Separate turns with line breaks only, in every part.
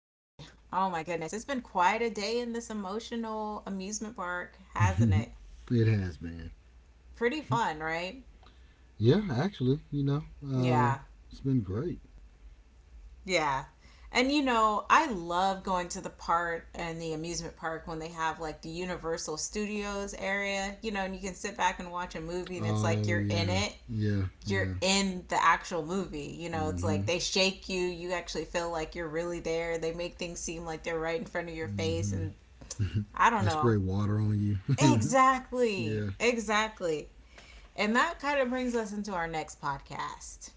Oh my goodness, it's been quite a day in this emotional amusement park, hasn't it?
It has, man.
Pretty fun, right?
Yeah, actually, uh,
Yeah,
it's been great.
yeah. And I love going to the park and the amusement park when they have like the Universal Studios area, and you can sit back and watch a movie and it's like
Oh
you're in
yeah,
it.
yeah,
You're
yeah.
in the actual movie. You know, it's like
Mm-hmm.
they shake you. You actually feel like you're really there. They make things seem like they're right in front of your face
Mm-hmm.
and I don't
They
know.
spray water on you.
Exactly.
Yeah.
Exactly. And that kind of brings us into our next podcast.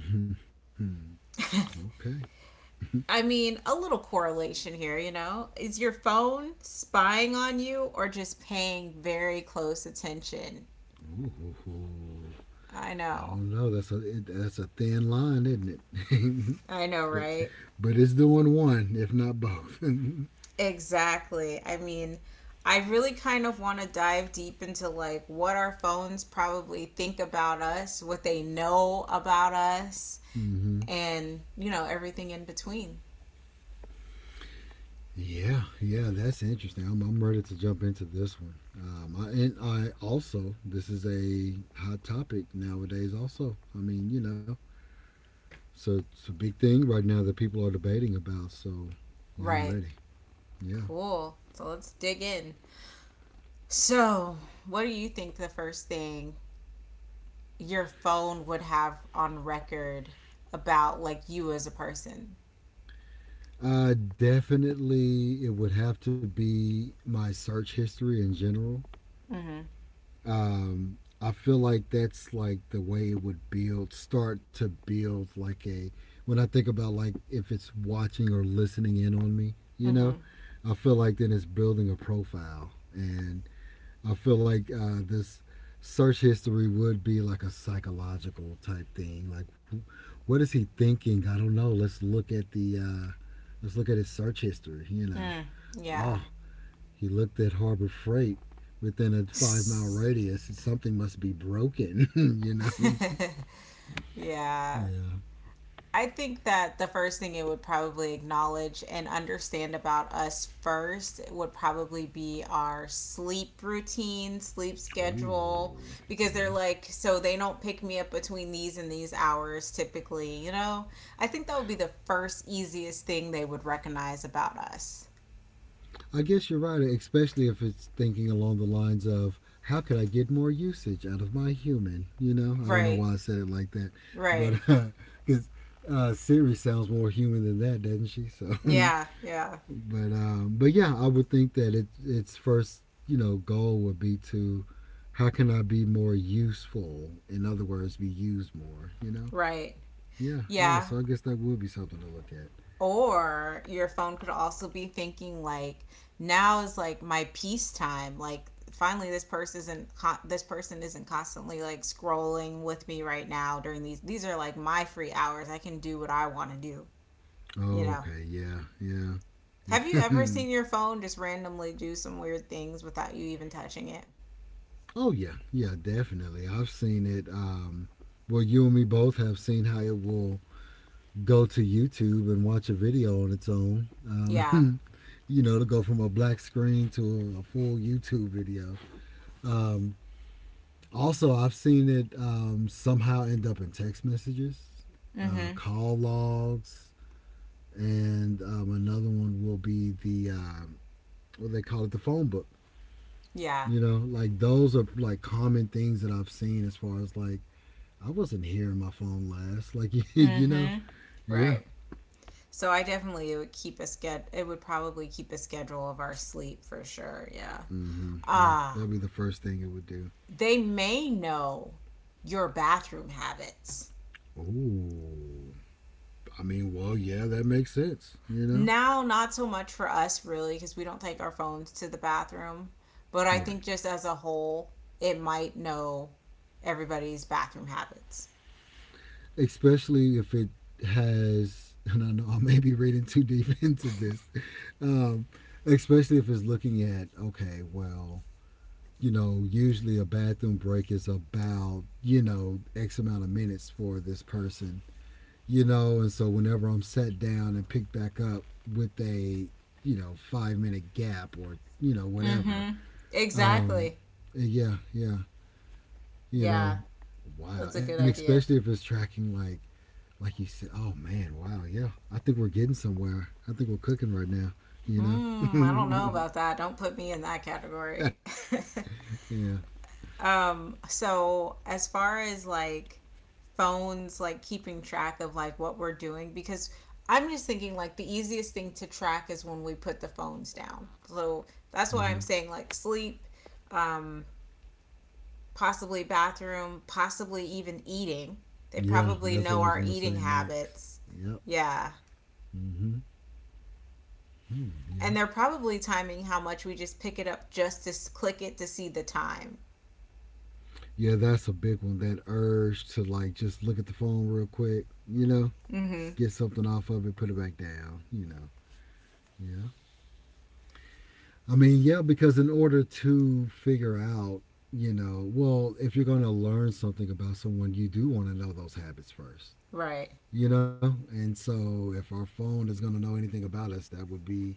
Okay. Ooh,
I mean, a little correlation here, you know? Is your phone spying on you or just paying very close attention? I
I
know.
don't know. That's a thin line, isn't it?
I know,
but
right?
but it's doing one, if not both.
Exactly. I mean, I really kind of want to dive deep into like what our phones probably think about us, what they know about us,
Mm-hmm.
and, everything in between.
Yeah, yeah, that's interesting. I'm ready to jump into this one. And I also, this is a hot topic nowadays, also. I mean, you know, so it's a big thing right now that people are debating about. So, yeah, I'm
Right.
ready. Yeah.
Cool. So let's dig in. So, what do you think the first thing your phone would have on record about like you as a person?
Definitely, it would have to be my search history in general.
Mm-hmm.
I feel like that's like the way it would build, start to build like a. When I think about like if it's watching or listening in on me, you
Mm-hmm.
know, I feel like then it's building a profile, and I feel like this search history would be like a psychological type thing. Like, what is he thinking? I don't know. Let's look at the. Let's look at his search history. You know,
Mm. Yeah.
oh, he looked at Harbor Freight within a 5 mile radius. Something must be broken, you know?
yeah.
Yeah.
I think that the first thing it would probably acknowledge and understand about us first would probably be our sleep routine, sleep schedule,
Ooh,
because
yeah.
they're like, so they don't pick me up between these and these hours typically, you know? I think that would be the first easiest thing they would recognize about us.
I guess you're right, especially if it's thinking along the lines of how could I get more usage out of my human? You know, I don't know
Right,
why I said it like that, but
right.
because Siri sounds more human than that, doesn't she? So yeah.
Yeah, yeah,
But yeah, I would think that it its first goal would be to how can I be more useful? In other words, be used more. You know.
right.
Yeah, yeah.
Yeah,
So I guess that would be something to look at.
or your phone could also be thinking like now is like my peace time, like finally this person isn't, this person isn't constantly like scrolling with me right now during these, are like my free hours. I can do what I want to do, you know?
Okay. Yeah. Yeah.
Have you ever seen your phone just randomly do some weird things without you even touching it?
Oh yeah, yeah, definitely. I've seen it. Well, you and me both have seen how it will go to YouTube and watch a video on its own.
Yeah.
You know, to go from a black screen to a full YouTube video. Um, Also, I've seen it somehow end up in text messages,
Mm-hmm.
call logs, and another one will be the what they call it, the phone book.
Yeah.
You know, like those are like common things that I've seen as far as like I wasn't hearing my phone last. Like you know,
Mm-hmm.
yeah,
Right. So I definitely, it would probably keep a schedule of our sleep for sure. Yeah.
mm-hmm, yeah,
Ah,
that'd be the first thing it would do.
they may know your bathroom habits.
Oh, I mean, well, yeah, that makes sense. You know,
Now, not so much for us really, because we don't take our phones to the bathroom, but I
right.
think just as a whole, it might know everybody's bathroom habits.
Especially if it has, and I know I may be reading too deep into this, um, especially if it's looking at, okay, well, you know, usually a bathroom break is about, you know, X amount of minutes for this person, you know, and so whenever I'm set down and picked back up with you know, 5 minute gap or, you know,
Mm
whatever,
hmm.
um,
Exactly.
yeah, yeah, you
Yeah,
know, wow.
that's a
And
good
especially
idea.
if it's tracking like you said, oh man, wow, yeah. I think we're getting somewhere. I think we're cooking right now. You
Mm, I don't know
know,
about that. Don't put me in that category.
yeah,
So as far as like phones, like keeping track of like what we're doing, because I'm just thinking like the easiest thing to track is when we put the phones down. So that's why I'm
hmm,
saying like sleep, um, possibly bathroom, possibly even eating. They
yeah.
probably
That's what
know
I was
our
gonna
eating
say next.
habits.
Yep.
Yeah.
Mm-hmm. Mm,
And
yeah.
they're probably timing how much we just pick it up just to click it to see the time.
Yeah, that's a big one. That urge to like just look at the phone real quick. You know,
Mm hmm.
get something off of it, put it back down. You know. Yeah. I mean, yeah, because in order to figure out, you know, well, if you're going to learn something about someone, you do want to know those habits first.
Right.
You know, and so if our phone is going to know anything about us, that would be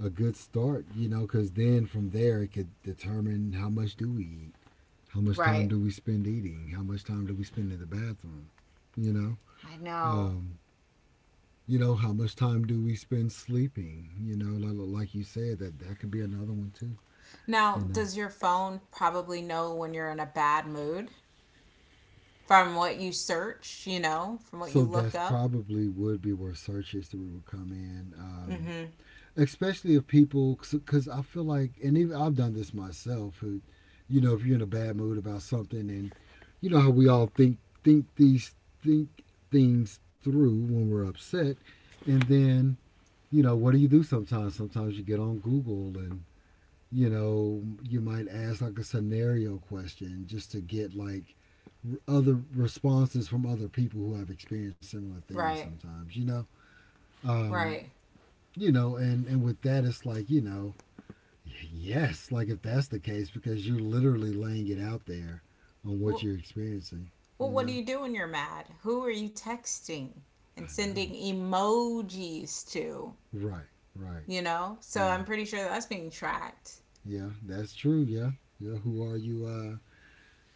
a good start. You know, because then from there it could determine how much do we eat, how much
Right.
time do we spend eating, how much time do we spend in the bathroom, you know.
I know.
um, you know, how much time do we spend sleeping, you know, like you said, that that could be another one too.
Now,
You know,
does your phone probably know when you're in a bad mood from what you search, from what
so
you look
that's
up?
probably would be where search history would come in.
Mm-hmm.
Especially if people, because I feel like, and even I've done this myself, who, you know, if you're in a bad mood about something, and you know how we all think these think things through when we're upset, and then, you know, what do you do sometimes? Sometimes you get on Google and, you know, you might ask like a scenario question just to get like other responses from other people who have experienced similar things
Right,
sometimes, you know. um
right.
you know, and with that, it's like, you know, yes, like if that's the case, because you're literally laying it out there on what
Well,
you're experiencing,
well,
you
what do
know?
you do when you're mad? Who are you texting
I
and
know.
sending emojis to?
Right, right.
You know? So
Yeah,
I'm pretty sure that's being tracked.
yeah, that's true. Yeah, yeah. Who are you?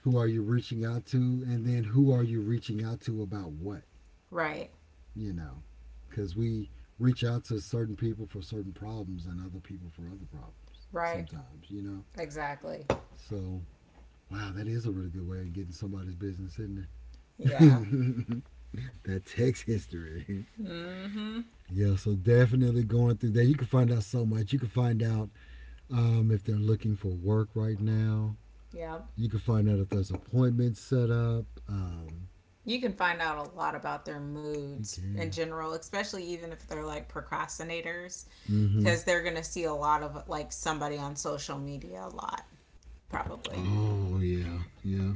Who are you reaching out to? And then who are you reaching out to about what?
Right,
You know, because we reach out to certain people for certain problems and other people for other problems
right.
sometimes, you know?
Exactly.
So, wow, that is a really good way of getting somebody's business, isn't
Yeah.
it? That text history.
Mm-hmm.
Yeah, so definitely going through that. You can find out so much. You can find out if they're looking for work right now.
Yeah.
You can find out if there's appointments set up.
You can find out a lot about their
You
moods
can.
in general, especially even if they're like procrastinators,
Mm-hmm.
because they're gonna see a lot of like somebody on social media a lot, probably.
Oh yeah, yeah.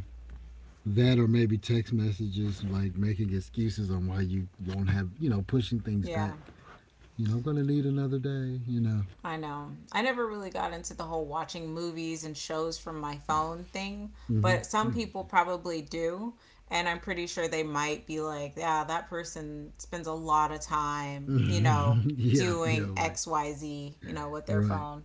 That or maybe text messages like making excuses on why you won't have, you know, pushing things
Yeah.
back. You know, I'm gonna need another day. You know.
I know I never really got into the whole watching movies and shows from my phone thing,
Mm-hmm.
but some people probably do, and I'm pretty sure they might be like, yeah, that person spends a lot of time,
Mm-hmm. Yeah, yeah,
doing
right.
xyz, with their
Right.
phone,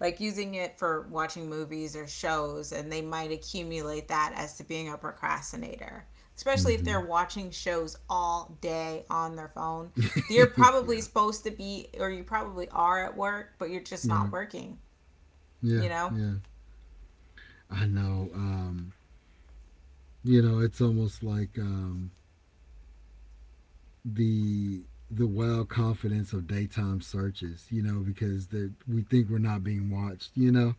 like using it for watching movies or shows, and they might accumulate that as to being a procrastinator. Especially if
Mm-hmm.
they're watching shows all day on their phone. You're probably
yeah,
supposed to be, or you probably are at work, but you're just not
right.
working,
Yeah,
you know?
yeah. I know. You know, it's almost like the the wild confidence of daytime searches, you know, because that we think we're not being watched, you know,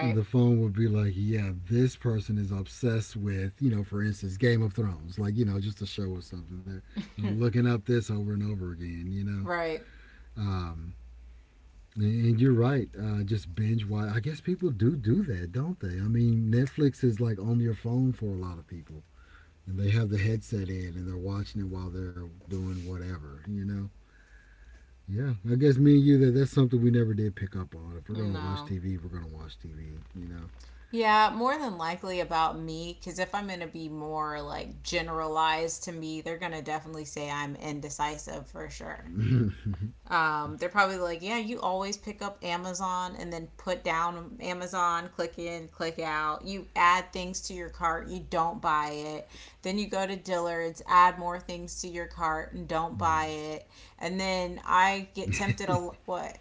and the phone would be like, yeah, this person is obsessed with, you know, for instance, Game of Thrones, like, you know, just a show or something. They're looking up this over and over again, you know.
Right.
Um, and you're right, just binge watch. I guess people do do that, don't they? I mean, Netflix is like on your phone for a lot of people. And they have the headset in and they're watching it while they're doing whatever, you know? Yeah, I guess me and you, that's something we never did pick up on. If we're gonna watch
No.
TV, we're gonna watch TV, you
Yeah, more than likely about me, because if I'm going to be more like generalized to me, they're going to definitely say I'm indecisive for sure.
know.
They're probably like, yeah, you always pick up Amazon and then put down Amazon, click in, click out. You add things to your cart, you don't buy it. Then you go to Dillard's, add more things to your cart and don't buy it. And then I get tempted a lot. What?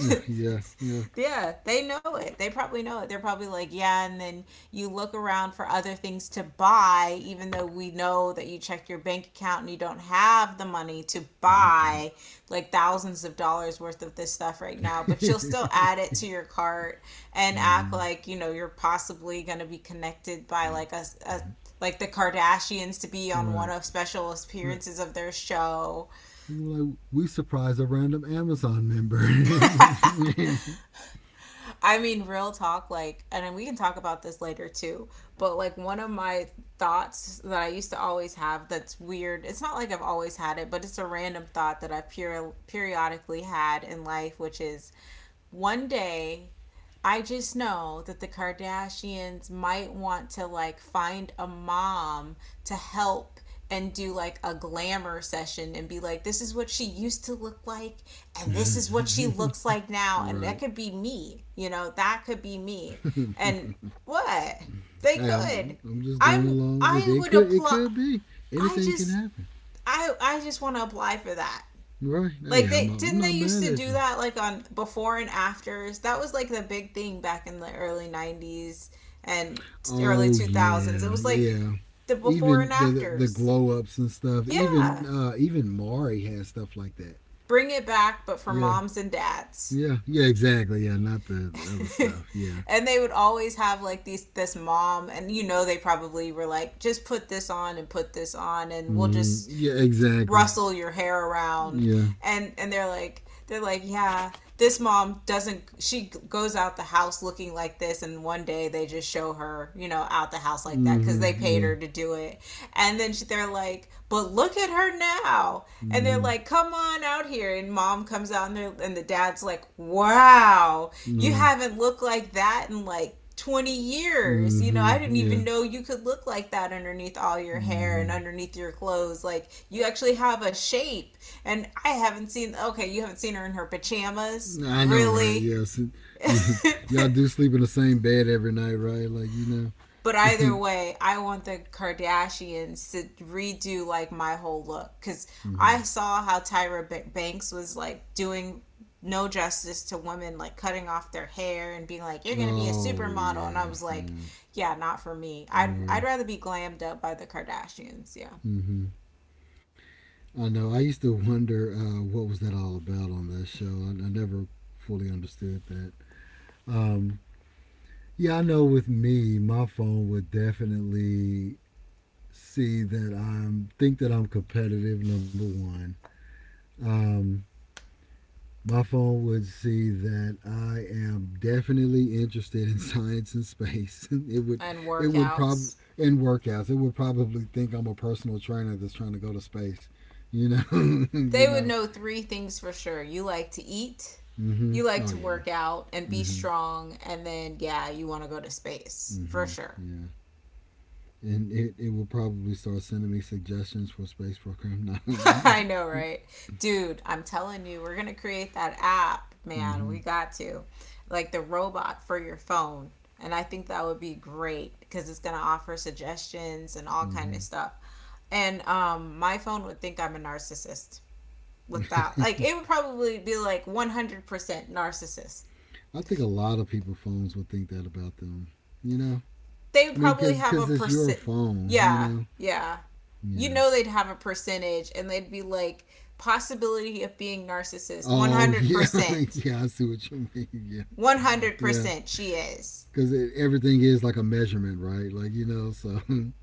Yeah, yeah.
Yeah, they know it. They probably know it. They're probably like, yeah, and then you look around for other things to buy, even though we know that you checked your bank account and you don't have the money to buy like thousands of dollars worth of this stuff right now, but you'll still add it to your cart and act
mm-hmm.
like, you know, you're possibly going to be connected by like a like the Kardashians to be
All
on one
right,
of special
but
appearances of their show.
like we surprised a random Amazon member.
I mean, real talk, like, and we can talk about this later too, but like one of my thoughts that I used to always have that's weird, it's not like I've always had it, but it's a random thought that I've periodically had in life, which is one day I just know that the Kardashians might want to like find a mom to help and do like a glamour session and be like, this is what she used to look like and this is what she looks like now. And that
right.
could be me, you know, that could be me. And what? They
Hey,
could.
I'm just going along with
I
it.
would
Could It
apply.
could be
I
anything can
just,
happen,
I just want to apply for that.
right? Hey,
Like, they
I'm
didn't
not
they
mad
used to
at you.
do that like on before and afters. That was like the big thing back in the early '90s and early
Oh
2000s. It
yeah,
was like
yeah.
the before and
Even the
afters.
glow ups and stuff. Even
Yeah.
even Mari has stuff like that.
Bring it back but for
Yeah,
moms and dads.
yeah, yeah. Exactly. Yeah, not the other stuff. Yeah.
And they would always have like these this mom, and you know they probably were like, just put this on and put this on, and we'll
Mm-hmm.
just
Yeah. Exactly.
rustle your hair around.
Yeah.
And they're like, yeah, this mom, doesn't she goes out the house looking like this, and one day they just show her, you know, out the house like that, because they
Mm-hmm.
paid
Yeah.
her to do it. And then she, they're like, but look at her now. And
Mm-hmm.
they're like, come on out here. And mom comes out, and the dad's like, wow, you
Right.
haven't looked like that in like 20 years. You know, I
Mm-hmm.
didn't
Yeah.
even know you could look like that underneath all your hair and
Mm-hmm.
underneath your clothes. Like, you actually have a shape. And I haven't seen, okay, you haven't seen her in her pajamas.
I know, right?
Really?
Yes. You, y'all do sleep in the same bed every night, right? Like, you
But
know.
either way, I want the Kardashians to redo like my whole look, because
Mm-hmm.
I saw how Tyra Banks was like doing no justice to women, like cutting off their hair and being like, "You're gonna be a
Oh
supermodel," and I
yeah.
was like,
Yeah.
"Yeah, not for me. I'd
Right.
rather be glammed up by the Kardashians, yeah,
Mm-hmm. I know. I used to wonder what was that all about on that show. I never fully understood that. Um, yeah, I know. With me, my phone would definitely see that I'm think that I'm competitive. Number one, um, my phone would see that I am definitely interested in science and space. it would
and
it would probably
workouts.
in workouts. It would probably think I'm a personal trainer that's trying to go to space. You know, you
They would
know.
know three things for sure. You like to eat."
Mm-hmm.
You like
Oh
to
yeah.
work out and be
Mm-hmm.
strong, and then, yeah, you want to go to space for
Mm-hmm.
sure.
Yeah. And it will probably start sending me suggestions for space program now. mm-hmm.
I know, right? Dude, I'm telling you, we're gonna create that app, man. We got to. Like the robot for your phone. And I think that would be great because it's gonna offer suggestions and all kind
Mm-hmm.
of stuff. And my phone would think I'm a narcissist with that. Like it would probably be like 100% narcissist.
I think a lot of people phones would think that about them. You know,
They
I
would
mean,
probably have a
cause it's your
percent,
phone. You
yeah,
know.
yeah. You
Yeah.
know they'd have a percentage and they'd be like, possibility of being narcissist
Oh yeah,
100%.
yeah. I see what you mean. Yeah, yeah.
100% she is.
Cause everything is like a measurement, right? Like, you know. So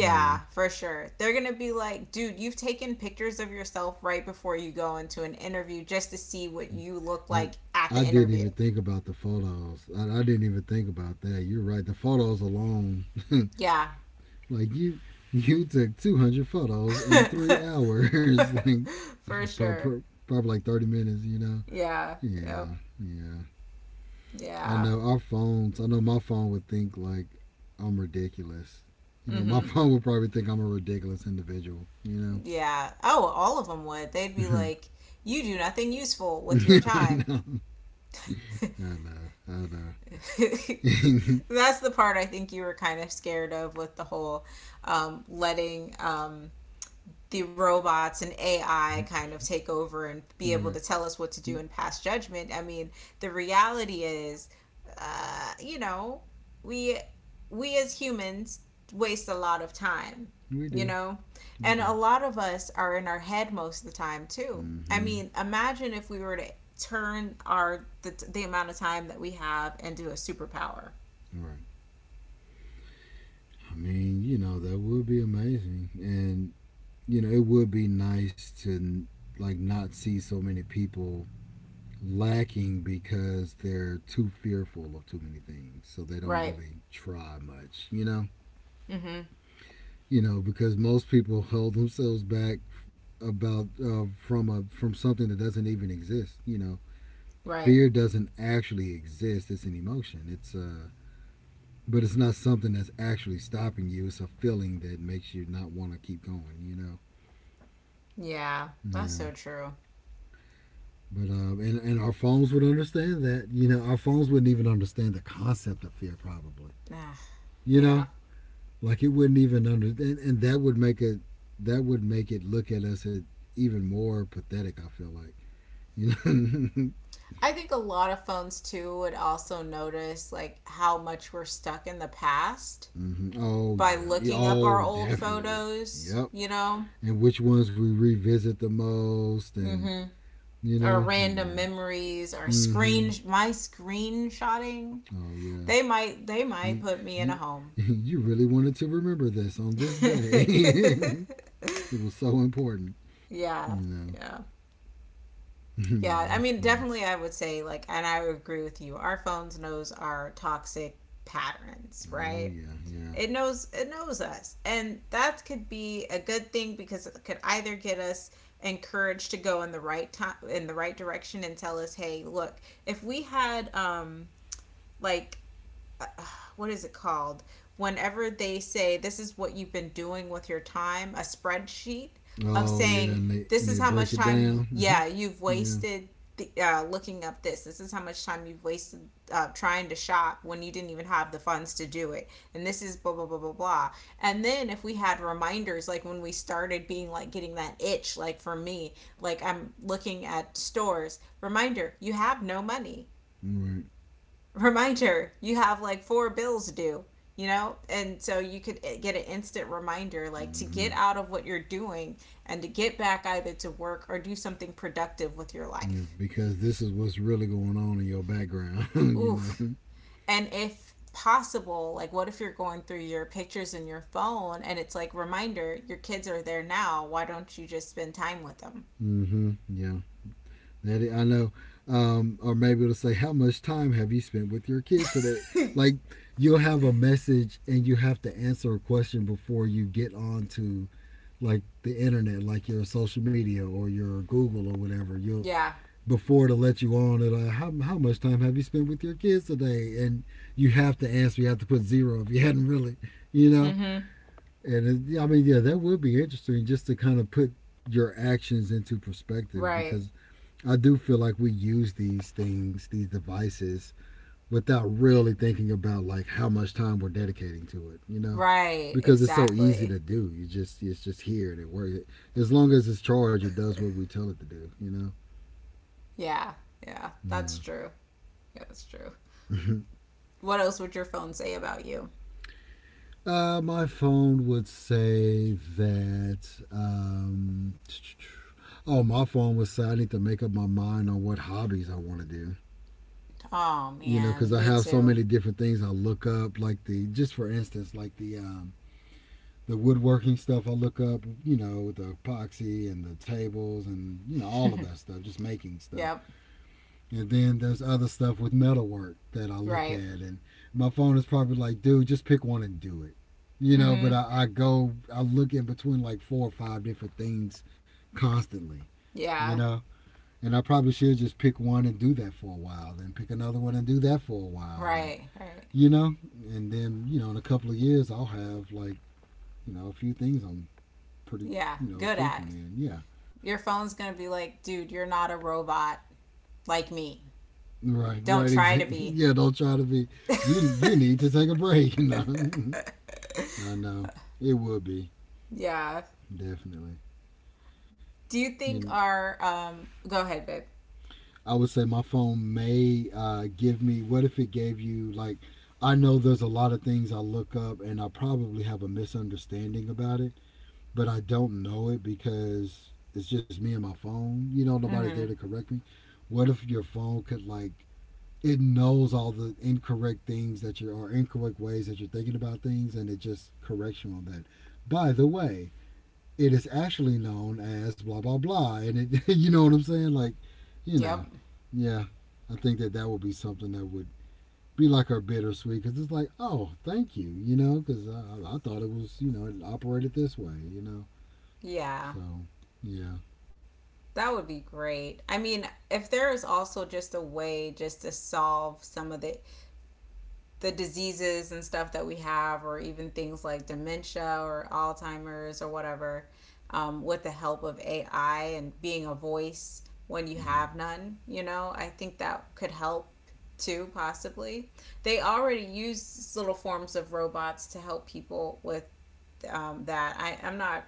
yeah,
for sure. They're going to be like, dude, you've taken pictures of yourself right before you go into an interview just to see what you look
I
like at the
I didn't
interview.
even think about the photos. I didn't even think about that. You're right. The photos alone
Yeah.
Like you took 200 photos in three hours, like
For sure.
probably like 30 minutes. You know?
Yeah.
Yeah,
Yep.
yeah. I
Yeah.
know our phones. I know my phone would think like I'm ridiculous. You know, my
Mm-hmm.
phone would probably think I'm a ridiculous individual. You
Yeah. Oh, all of them would. They'd be
know?
like, you do nothing useful with your
I
time.
know. I know. I know.
That's the part I think you were kind of scared of with the whole letting, the robots and AI kind of take over and be able
Right.
to tell us what to do and pass judgment. I mean, the reality is, you know, we we as humans waste a lot of time,
We
you
do.
know,
We
and
do.
a lot of us are in our head most of the time too. I
Mm-hmm.
mean, imagine if we were to turn our the amount of time that we have and do a superpower,
All right. I mean, you know, that would be amazing. And you know, it would be nice to like not see so many people lacking because they're too fearful of too many things, so they don't
right?
really try much.
Mm-hmm.
Because most people hold themselves back about from a from something that doesn't even exist.
Right.
Fear doesn't actually exist. It's an emotion. It's But it's not something that's actually stopping you. It's a feeling that makes you not want to keep going.
Yeah, that's
Yeah.
so true.
But and our phones would understand that. You know, our phones wouldn't even understand the concept of fear, probably.
Ah,
You know,
yeah.
like it wouldn't even understand, and that would make it look at us at even more pathetic. I feel like. You know.
I think a lot of phones too would also notice like how much we're stuck in the past
Hmm. Oh
by
yeah. Yeah.
looking up our
Oh,
old
definitely.
photos,
Yep.
you know?
And which ones we revisit the most, and
Mhm.
you
Our
know,
random
yeah.
memories, our
Mm-hmm.
screen my screenshotting.
Oh yeah.
They might
You
put me in a
you
home.
you really wanted to remember this on this day. It was so important, you
Yeah.
know.
Yeah. Yeah,
Yeah,
I
that's
mean
funny.
definitely I would say like and I would agree with you. Our phones knows our toxic patterns,
Oh
right?
yeah, yeah.
It knows us. And that could be a good thing because it could either get us encouraged to go in the right time in the right direction and tell us, "Hey, look, if we had like, what is it called? Whenever they say this is what you've been doing with your time, a spreadsheet of
Oh yeah,
saying
and they
this
and
is
they
how
break
much
it
time,
down.
yeah, you've
Yeah,
wasted looking up this. This is how much time you've wasted trying to shop when you didn't even have the funds to do it. And this is blah, blah, blah, blah, blah. And then if we had reminders, like when we started being like getting that itch, like for me, like I'm looking at stores, reminder, you have no money.
right.
Reminder: you have like 4 bills due, you know, and so you could get an instant reminder like to get
Mm-hmm.
out of what you're doing and to get back either to work or do something productive with your
Yeah,
life.
because this is what's really going on in your background, you know.
Oof. And if possible, like, what if you're going through your pictures in your phone and it's like, reminder, your kids are there now, why don't you just spend time with them?
Mm-hmm. Yeah, I know. Or maybe it'll say, "How much time have you spent with your kids today?" Like you'll have a message and you have to answer a question before you get on to like the internet, like your social media or your Google or whatever. You'll
Yeah.
before to let you on. It'll how much time have you spent with your kids today? And you have to answer. You have to put zero if you hadn't really, you know.
Mm-hmm.
And it, yeah, I mean, yeah, that would be interesting just to kind of put your actions into perspective
Right.
because I do feel like we use these things, these devices, without really thinking about like how much time we're dedicating to it,
Right,
because it's so easy
exactly.
to do. You just It's just here and it works. As long as it's charged, it does what we tell it to do. You know.
Yeah. Yeah, that's true. Yeah, that's true.
Yeah.
What else would your phone say about you?
My phone would say that. Oh, my phone would say I need to make up my mind on what hobbies I want to do.
Oh
You know, because
man,
I
me
have so
too.
many different things I look up. Like the just for instance, like the woodworking stuff I look up. You know, the epoxy and the tables and you know all of that stuff. Just making stuff.
Yep.
And then there's other stuff with metalwork that I look
Right.
at, and my phone is probably like, dude, just pick one and do it, you know. But
Mm-hmm.
I go, I look in between like four or five different things constantly, you
Yeah.
know. And I probably should just pick one and do that for a while, then pick another one and do that for a while, and
Right. Right.
you know, and then you know, in a couple of years, I'll have like you know a few things I'm pretty
Yeah.
you know
Good
frequent
at.
in, yeah.
Your phone's gonna be like, dude, you're not a robot like me.
Right,
Don't
right,
try to
exactly.
be.
Yeah, don't try to be. You need to take a break, you know. I know it will be
Yeah.
definitely.
Do you
You,
think
kn-
our go ahead, babe.
I would say my phone may give me. What if it gave you like? I know there's a lot of things I look up, and I probably have a misunderstanding about it, but I don't know it because it's just me and my phone. You know, nobody's there
Mm-hmm.
to correct me. What if your phone could like? It knows all the incorrect things that you are incorrect ways that you're thinking about things, and it just corrects you on that. By the way, it is actually known as blah blah blah, and it you know what I'm saying? Like, you
Yep.
know, yeah, I think that that would be something that would be like our bittersweet because it's like, oh, thank you, you know, because I thought it was you know it operated this way, you know,
Yeah.
so yeah.
That would be great. I mean, if there is also just a way just to solve some of the diseases and stuff that we have, or even things like dementia or Alzheimer's or whatever, with the help of AI and being a voice when you
Mm-hmm.
have none, you know, I think that could help too, possibly. They already use little forms of robots to help people with that. I'm not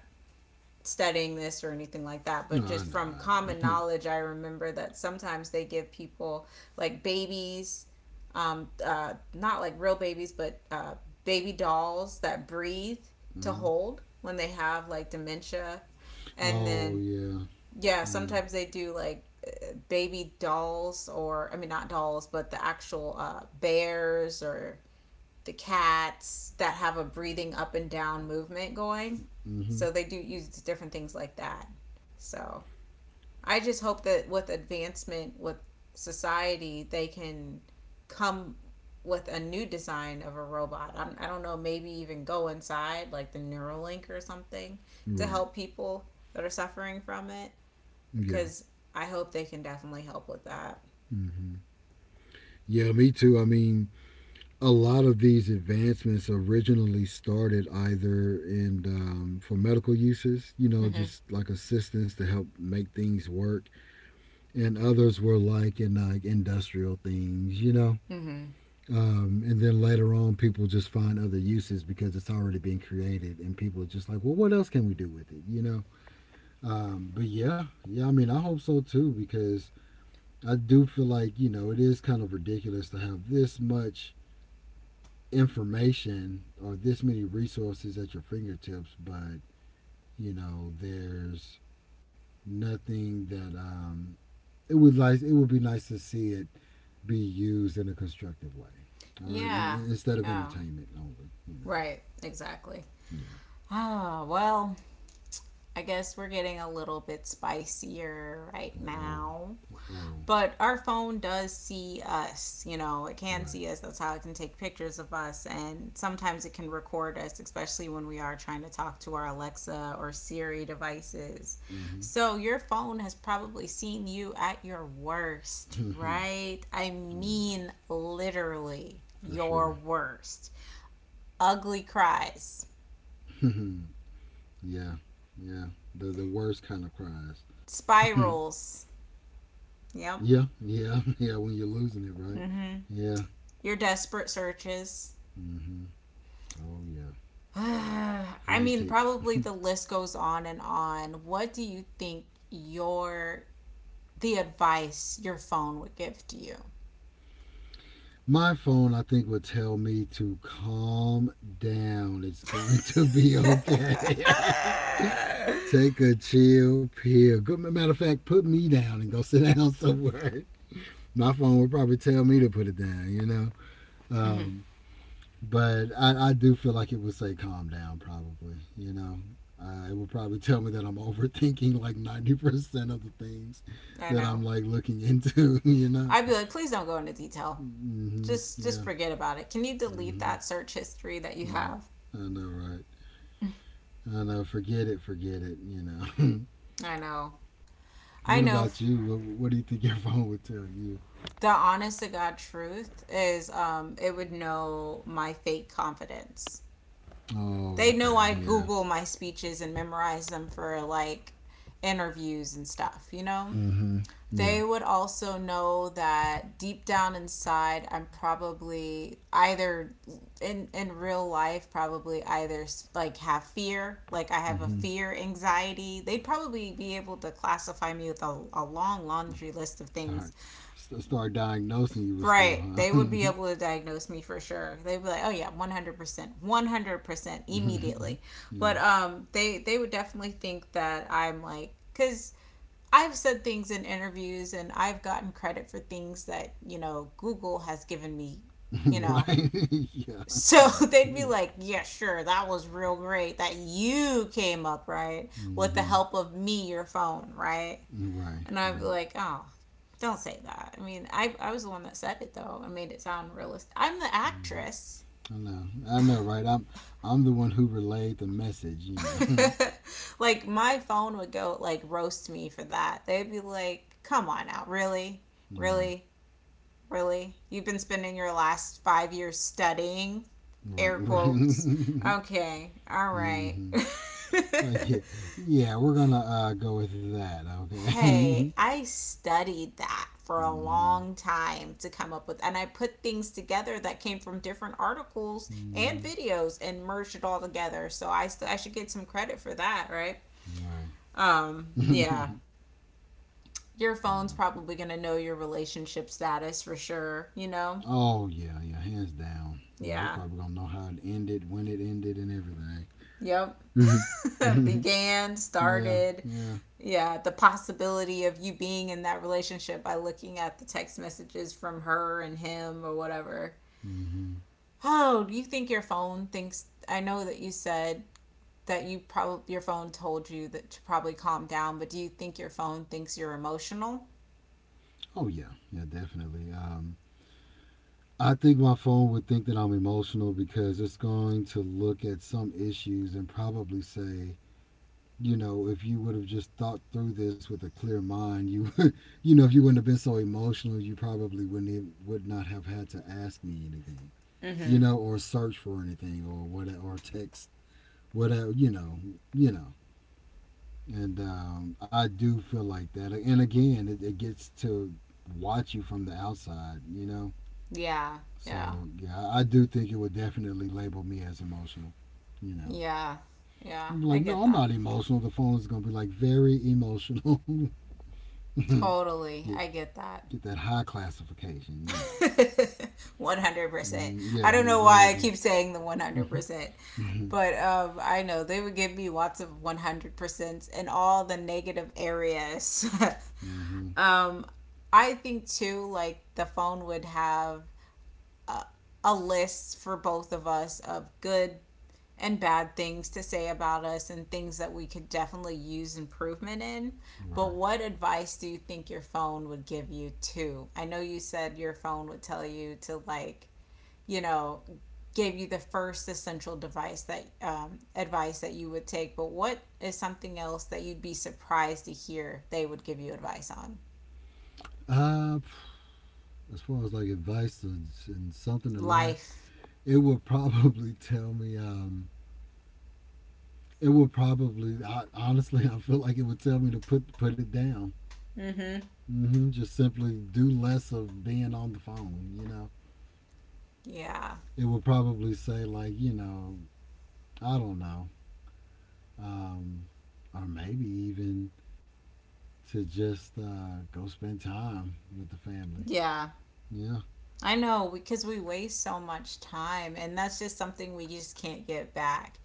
studying this or anything like that,
No,
but
I
just
know,
from
I
common
know.
knowledge, I remember that sometimes they give people like babies, not like real babies, but baby dolls that breathe to
Mm-hmm.
hold when they have like dementia. And
Oh
then,
yeah,
yeah,
yeah.
sometimes they do like baby dolls, or, I mean, not dolls, but the actual bears or the cats that have a breathing up and down movement going.
Mm-hmm.
So they do use different things like that. So I just hope that with advancement with society, they can come with a new design of a robot. I don't know, maybe even go inside like the Neuralink or something to
Right.
help people that are suffering from it,
Yeah.
because I hope they can definitely help with that.
Mm-hmm. Yeah, me too. I mean, a lot of these advancements originally started either in for medical uses, you know,
Mm-hmm.
just like assistance to help make things work, and others were like in like industrial things, you know.
Mm-hmm.
And then later on, people just find other uses because it's already been created, and people are just like, well, what else can we do with it, you know? But yeah, yeah, I mean, I hope so too because I do feel like you know it is kind of ridiculous to have this much information or this many resources at your fingertips, but you know, there's nothing that it would like. It would be nice to see it be used in a constructive way. All right, and,
Yeah.
and instead of
Yeah.
entertainment only, you know,
Right. Exactly.
yeah.
Ah, well, I guess we're getting a little bit spicier right
Oh,
now.
oh, oh,
But our phone does see us, you know, it can
right.
see us. That's how it can take pictures of us. And sometimes it can record us, especially when we are trying to talk to our Alexa or Siri devices. So your phone has probably seen you at your worst,
Mm-hmm.
right? I
Oh yeah,
mean, literally,
for
your
sure.
worst. Ugly cries,
Yeah, yeah. The worst kind of cries.
spirals. Yep.
Yeah, yeah, yeah. When you're losing it, right?
Mm-hmm.
Yeah.
Your desperate searches.
Mm-hmm. Oh yeah,
I mean,
frantic.
probably the list goes on and on. What do you think your the advice your phone would give to you?
My phone, I think, would tell me to calm down. It's going to be
Mm-hmm.
okay. Take a chill pill. Good matter of fact, put me down and go sit down somewhere. My phone would probably tell me to put it down. You know. Um, but I do feel like it would say calm down probably you know it would probably tell me that I'm overthinking like 90% of the things
I
that
know.
I'm like looking into you know
I'd be like, please don't go into detail.
hmm
Just
yeah.
forget about it. Can you delete that
Mm-hmm.
search history that you
I,
have?
I know, right? I know. Forget it. Forget it. You know.
I know.
What
I know,
about you? What do you think your phone would tell you?
the honest to God truth is, it would know my fake confidence.
Oh,
They
okay.
know I
Yeah.
Google my speeches and memorize them for like interviews and stuff, you know?
Mm-hmm. Yeah.
They would also know that deep down inside, I'm probably either in real life, probably either like have fear, like I have a
Mm-hmm.
fear, anxiety. They'd probably be able to classify me with a long laundry list of things.
Start start diagnosing you with stuff,
Right.
huh?
They would be able to diagnose me for sure. They'd be like, "Oh yeah, 100%. 100% immediately." But
Yeah.
they would definitely think that I'm like, cuz I've said things in interviews, and I've gotten credit for things that, you know, Google has given me, you know.
Right. Yeah.
So
Yeah.
they'd be like, "Yeah, sure. That was real great that you came up, right? With the
Mm-hmm.
help of me, your phone, right?"
Right.
And I'm
Right.
like, oh, don't say that. I mean, I was the one that said it though. I made it sound realistic. I'm the
Mm-hmm.
actress.
I know. I know. Right. I'm the one who relayed the message. You know.
Like my phone would go like roast me for that. They'd be like, "Come on now, really,
Right.
really, really? You've been spending your last 5 years studying."
Right.
Air quotes.
Right.
Okay, all right.
Mm-hmm. Like, yeah, yeah, we're gonna go with that. Okay. Mm-hmm.
Okay, I studied that for a long time to come up with, and I put things together that came from different articles and
Mm-hmm.
videos and merged it all together. So I should get some credit for that, right?
Right.
Yeah,
Yeah.
your phone's probably gonna know your relationship status for sure. You know,
Oh yeah, yeah. Hands down. Yeah, that's
yeah,
probably gonna know how it ended, when it ended, and everything.
yep.
Mm-hmm.
Began,
Yeah.
started,
Yeah.
yeah, the possibility of you being in that relationship by looking at the text messages from her and him or whatever.
Mm-hmm.
Oh, do you think your phone thinks? I know that you said that your phone told you that to probably calm down, but do you think your phone thinks you're emotional?
Oh yeah. Yeah. Definitely. I think my phone would think that I'm emotional because it's going to look at some issues and probably say, you know, if you would have just thought through this with a clear mind, you, you know, if you wouldn't have been so emotional, you probably wouldn't even, would not have had to ask me anything, you know, or search for anything or what or text whatever, you know, you know. And I do feel like that. And again, it gets to watch you from the outside, you know.
Yeah, yeah,
So yeah, I do think it would definitely label me as emotional. You know,
yeah, yeah.
I'm
I
like, no,
get
I'm
that.
not emotional. The phone is gonna be like very emotional.
Totally,
get
I get that.
get that high classification, you know.
100%.
Mm,
I
yeah,
don't know why I
exactly.
keep saying the one hundred
Mm-hmm.
percent,
Mm-hmm.
but I know they would give me lots of 100 percents in all the negative areas.
Mm-hmm.
Um, I think too, like the phone would have a list for both of us of good and bad things to say about us and things that we could definitely use improvement in.
Right.
But what advice do you think your phone would give you too? I know you said your phone would tell you to like, you know, give you the first essential device that advice that you would take. But what is something else that you'd be surprised to hear they would give you advice on?
Uh, as far as like advice and, something in life,
Life.
it would probably tell me. It would probably. I, honestly, I feel like it would tell me to put it down.
Mm-hmm.
Mm-hmm. Just simply do less of being on the phone. You know,
Yeah.
it would probably say like, you know, I don't know, um, or maybe even to just go spend time with the family.
Yeah.
Yeah.
I know, because we waste so much time, and that's just something we just can't get back.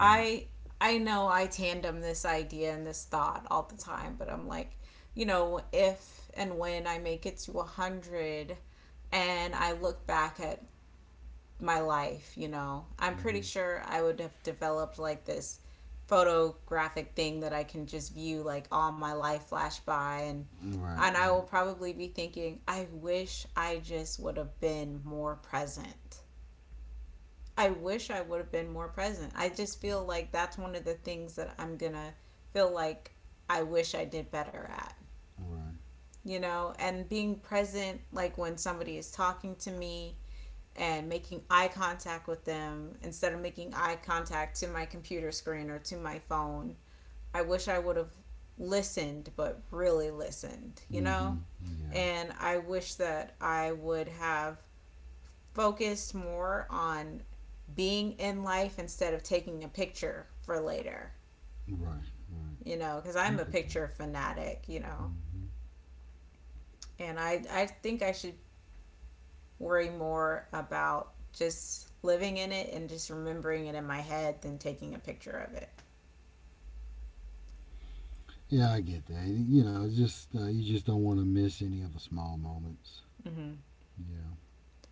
Right.
I know I tandem this idea and this thought all the time, but I'm like, you know, if and when I make it to 100 and I look back at my life, you know, I'm pretty
Mm-hmm.
sure I would have developed like this photographic thing that I can just view like all my life flash by, and
Right.
I will
Right.
probably be thinking, I wish I just would have been more present. I wish I would have been more present. I just feel like that's one of the things that I'm going to feel like I wish I did better at,
Right.
you know, and being present like when somebody is talking to me, and making eye contact with them instead of making eye contact to my computer screen or to my phone. I wish I would have listened, but really listened, you
Mm-hmm.
know?
Yeah.
And I wish that I would have focused more on being in life instead of taking a picture for later,
Right. Right.
you know, because
I
I'm a
get that.
picture fanatic, you know?
Mm-hmm.
And I think I should worry more about just living in it and just remembering it in my head than taking a picture of it.
Yeah, I get that. And, you know, it's just you just don't want to miss any of the small moments.
Mm-hmm.
Yeah.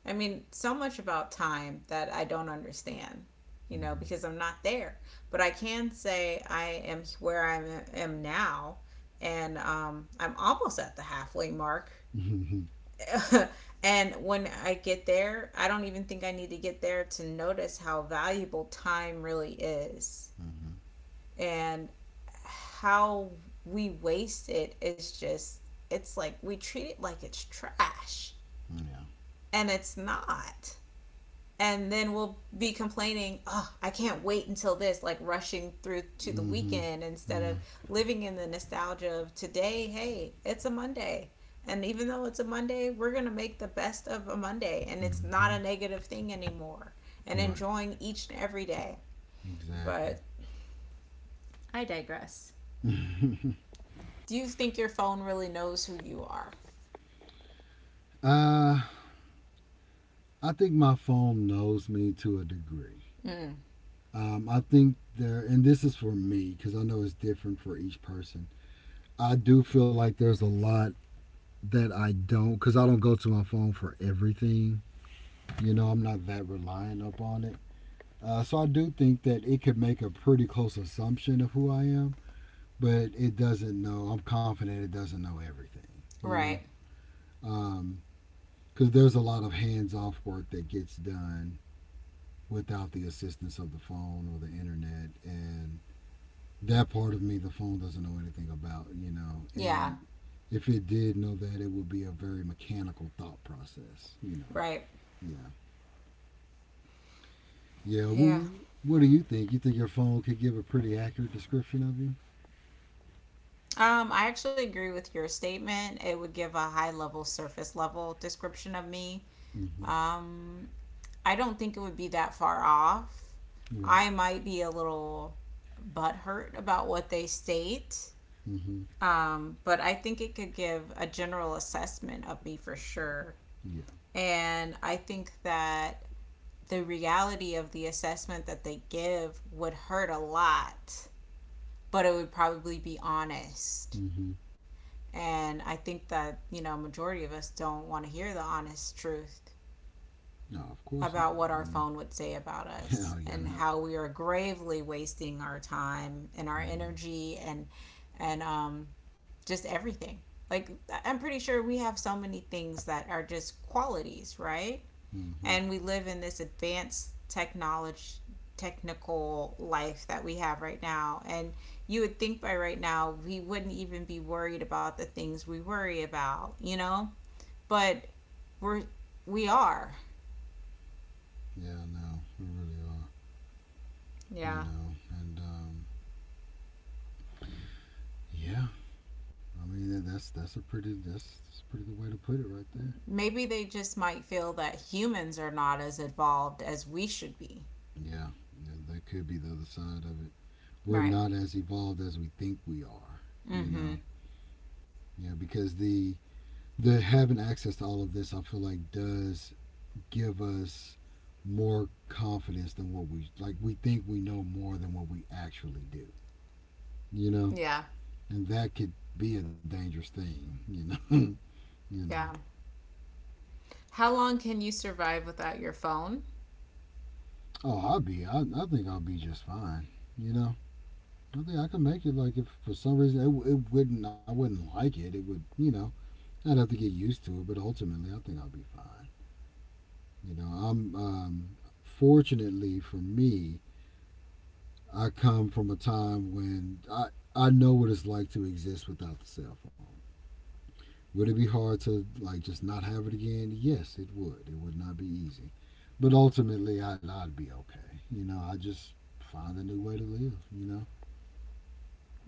I mean, so much about time that I don't understand, you know, because I'm not there. But I can say I am where I am- now, and I'm almost at the halfway mark.
Mm-hmm.
And when I get there, I don't even think I need to get there to notice how valuable time really is,
Mm-hmm.
and how we waste it is just, it's like we treat it like it's trash,
Yeah.
and it's not. And then we'll be complaining, oh, I can't wait until this, like rushing through to the
Mm-hmm.
weekend instead
Yeah.
of living in the nostalgia of today. Hey, it's a Monday, and even though it's a Monday, we're going to make the best of a Monday, and it's not
Mm-hmm.
a negative thing anymore, and
Right.
enjoying each and every day.
Exactly.
But I digress. Do you think your phone really knows who you are?
Uh, I think my phone knows me to a degree.
Mm.
I think there, and this is for me because I know it's different for each person. I do feel like there's a lot that I don't because I don't go to my phone for everything. You know, I'm not that reliant upon it. So I do think that it could make a pretty close assumption of who I am, but it doesn't know. I'm confident it doesn't know everything. You know,
Right.
because there's a lot of hands-off work that gets done without the assistance of the phone or the internet and that part of me the phone doesn't know anything about, you know.
Yeah.
And if it did know that, it would be a very mechanical thought process, you know.
Right.
Yeah. Yeah.
Yeah.
Well, what do you think? You think your phone could give a pretty accurate description of you?
I actually agree with your statement. It would give a high level, surface level description of me.
Mm-hmm.
Um, I don't think it would be that far off.
Right.
I might be a little butthurt about what they state,
Mm-hmm.
but I think it could give a general assessment of me for sure.
Yeah.
And I think that the reality of the assessment that they give would hurt a lot, but it would probably be honest.
Mm-hmm.
And I think that, you know, majority of us don't want to hear the honest truth
No, of course
about
not.
what
I
our
mean,
phone would say about us
hell yeah,
and
not.
how we are gravely wasting our time and our
Mm-hmm.
energy and just everything. Like, I'm pretty sure we have so many things that are just qualities, right?
Mm-hmm.
And we live in this advanced technology technical life that we have right now, and you would think by right now we wouldn't even be worried about the things we worry about, you know? But we're we are.
Yeah, no, we really are. You
Yeah.
know, and yeah. I mean, that's a pretty good way to put it right there.
Maybe they just might feel that humans are not as evolved as we should be.
Yeah, yeah, that could be the other side of it. We're
Right.
not as evolved as we think we are, you
Mm-hmm.
know. Yeah, because the having access to all of this, I feel like, does give us more confidence than what we like. We think we know more than what we actually do, you know,
Yeah.
and that could be a dangerous thing, you know,
Yeah. How long can you survive without your phone?
oh, I'll be, I think I'll be just fine, you know. I think I can make it. Like if for some reason it wouldn't, I wouldn't like it. It would, I'd have to get used to it, but ultimately, I think I'll be fine. I'm fortunately for me, I come from a time when I know what it's like to exist without the cell phone. Would it be hard to like just not have it again? Yes, it would. It would not be easy, but ultimately, I'd be okay. You know, I just find a new way to live.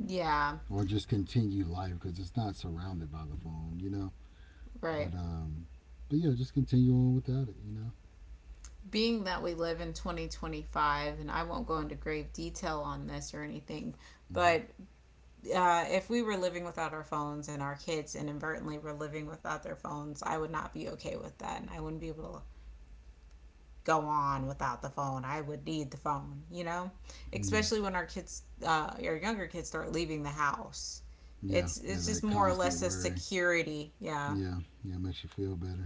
Yeah.
Or just continue life because it's not surrounded by the phone. But
Right.
um, but yeah, just continue on without it.
Being that we live in 2025, and I won't go into grave detail on this or anything,
Mm-hmm.
but if we were living without our phones and our kids inadvertently were living without their phones, I would not be okay with that. And I wouldn't be able go on without the phone. I would need the phone, you know,
Yeah.
especially when our kids, our younger kids, start leaving the house.
Yeah,
It's
yeah, that
just more or
constant
less a
worry.
security, yeah.
Yeah, yeah, makes you feel better.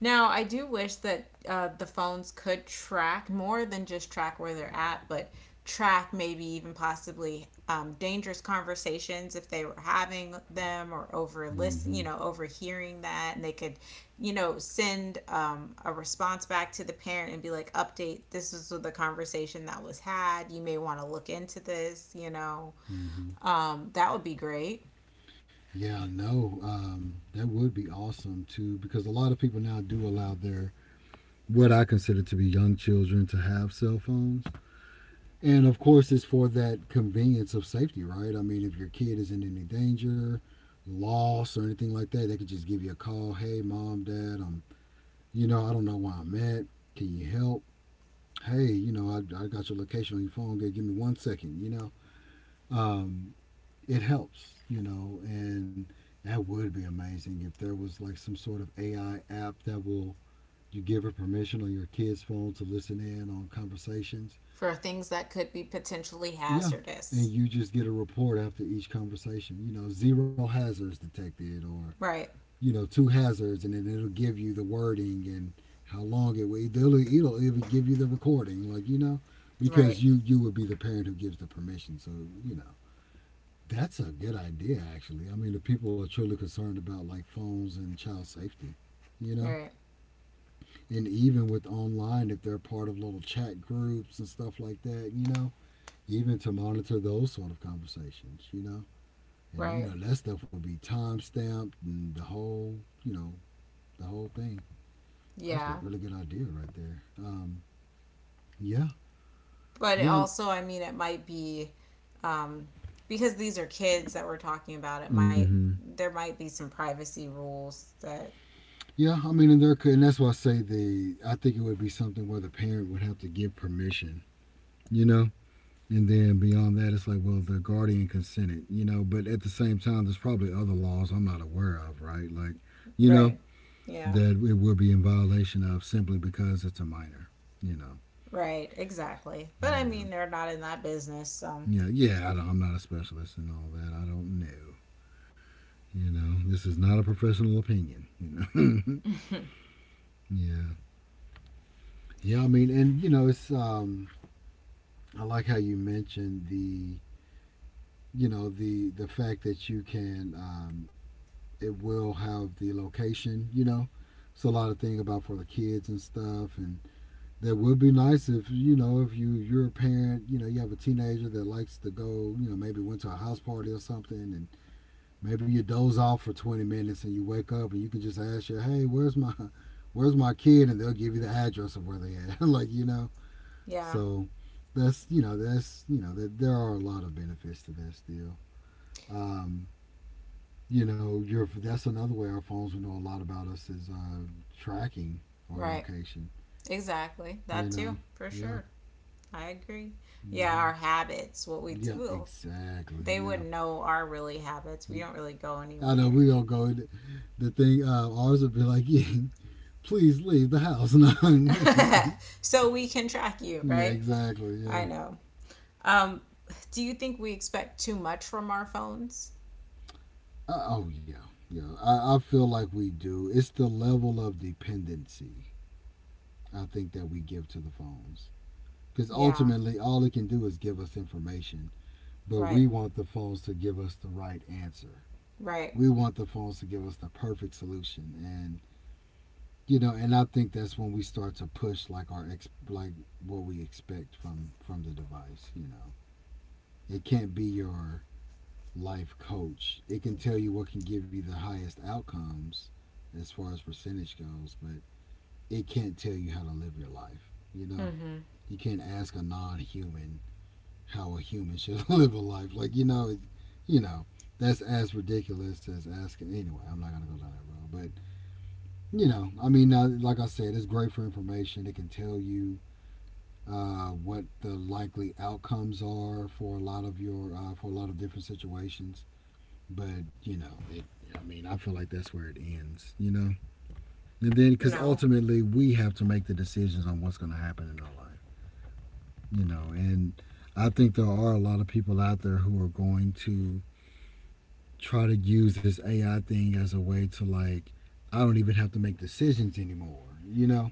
Now, I do wish that the phones could track more than just track where they're at, but track maybe even possibly dangerous conversations if they were having them, or over listen,
Mm-hmm,
you know, overhearing that, and they could, you know, send a response back to the parent and be like, "Update: This is the conversation that was had. You may want to look into this." You know,
mm-hmm.
that would be great
Yeah, no, that would be awesome too, because a lot of people now do allow their what I consider to be young children to have cell phones, and of course, it's for that convenience of safety, right? I mean, if your kid is in any danger, loss or anything like that, they could just give you a call. Hey, mom, dad, I'm, I don't know where I'm at. Can you help? Hey, I got your location on your phone. Give me 1 second, um, it helps, and that would be amazing if there was like some sort of AI app that will you give her permission on your kid's phone to listen in on conversations.
for things that could be potentially
Yeah, and
hazardous.
you just get a report after each conversation. You know, zero hazards detected, or
Right.
you know, two hazards, and then it'll give you the wording and how long it will. It'll even give you the recording, like
Right.
because you would be the parent who gives the permission. So you know, that's a good idea, actually. I mean, if people are truly concerned about like phones and child safety, you
All
know,
right.
and even with online, if they're part of little chat groups and stuff like that, even to monitor those sort of conversations, and you
Right.
know that stuff would be time stamped and the whole, you know, the whole thing. Actually, a
Yeah.
really good idea right there. Yeah,
But it
yeah.
also, I mean, it might be, um, because these are kids that we're talking about. It might,
Mm-hmm.
there might be some privacy rules that
Yeah, I mean, and there could, and that's why I say the. I think it would be something where the parent would have to give permission, you know, and then beyond that, it's like, well, the guardian consented, you know. But at the same time, there's probably other laws I'm not aware of, right? Like, you know,
right. Yeah.
that it would be in violation of simply because it's a minor, you know.
Right. Exactly. But I
Yeah,
mean, they're not in that business. So
yeah, yeah. I don't, I'm not a specialist in all that. I don't know. You know, this is not a professional opinion. You know. yeah, yeah. I mean, and you know, it's. I like how you mentioned the, the fact that you can it will have the location, you know. It's a lot of thing about for the kids and stuff, and that would be nice if you know if you you're a parent, you know, you have a teenager that likes to go, you know, maybe went to a house party or something, and maybe you doze off for 20 minutes and you wake up and you can just ask you, hey, where's my kid, and they'll give you the address of where they at, like you know.
yeah.
So that's you know that there are a lot of benefits to that still. Um, you know, your that's another way our phones will know a lot about us is tracking our
Right.
location.
Exactly. That
You
too,
know,
for
yeah,
sure. I agree. Yeah,
hmm
our habits, what we do,
yeah,
well,
exactly,
they
yeah.
wouldn't know our really habits. We
You,
don't really go
I know we
anywhere.
all go. The thing ours would be like, yeah, please leave the house. No.
So we can track you,
yeah,
right?
exactly.
I
Yeah.
know. Um, do you think we expect too much from our phones?
Oh yeah. Yeah. I feel like we do. It's the level of dependency I think that we give to the phones because
Yeah,
ultimately all it can do is give us information but
right,
we want the phones to give us the right answer.
right.
We want the phones to give us the perfect solution and you know, and I think that's when we start to push like our ex like what we expect from the device, you know. It can't be your life coach. It can tell you what can give you the highest outcomes as far as percentage goes, but it can't tell you how to live your life, you know.
Mm-hmm.
You can't ask a non-human how a human should live a life. Like you know, that's as ridiculous as asking. Anyway, I'm not gonna go down that road. But I mean, now, like I said, it's great for information. It can tell you what the likely outcomes are for a lot of your for a lot of different situations. But you know, it. I mean, I feel like that's where it ends. You know, and then because
No,
ultimately we have to make the decisions on what's going to happen in our life. You know, and I think there are a lot of people out there who are going to try to use this AI thing as a way to like I don't even have to make decisions anymore, you know?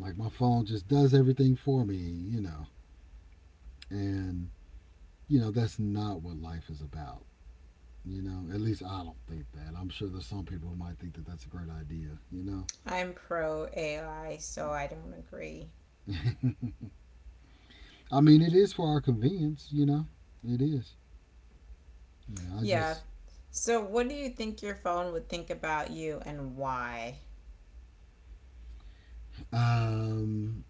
Like my phone just does everything for me, you know. And that's not what life is about, you know? At least I don't think that. I'm sure there's some people who might think that that's a great idea, you know?
I'm pro AI, so I don't agree.
I mean, it is for our convenience, you know. It is. You know, I
Yeah.
just
So, what do you think your phone would think about you and why?
um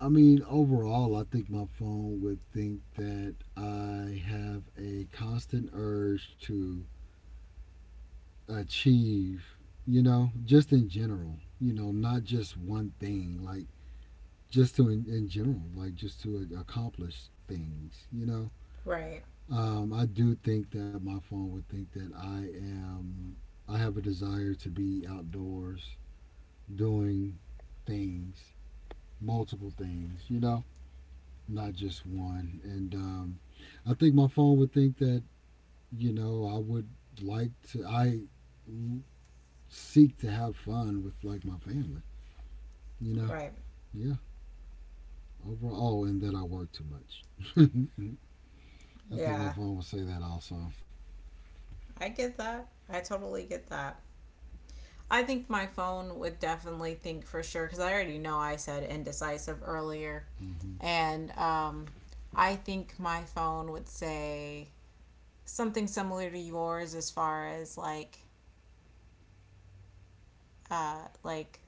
I mean, overall, I think my phone would think that I have a constant urge to achieve, just in general, not just one thing, like just to in general, like just to accomplish things, you know.
Right,
I do think that my phone would think that I am, I have a desire to be outdoors doing things, multiple things, you know not just one. And I think my phone would think that you know I would like to. I seek to have fun with like my family. You know,
right.
yeah. Overall, oh, and that I work too much. I think my
Yeah,
phone would say that also.
I get that. I totally get that. I think my phone would definitely think for sure because I already know I said indecisive earlier.
Hmm
And I think my phone would say something similar to yours, as far as like uh like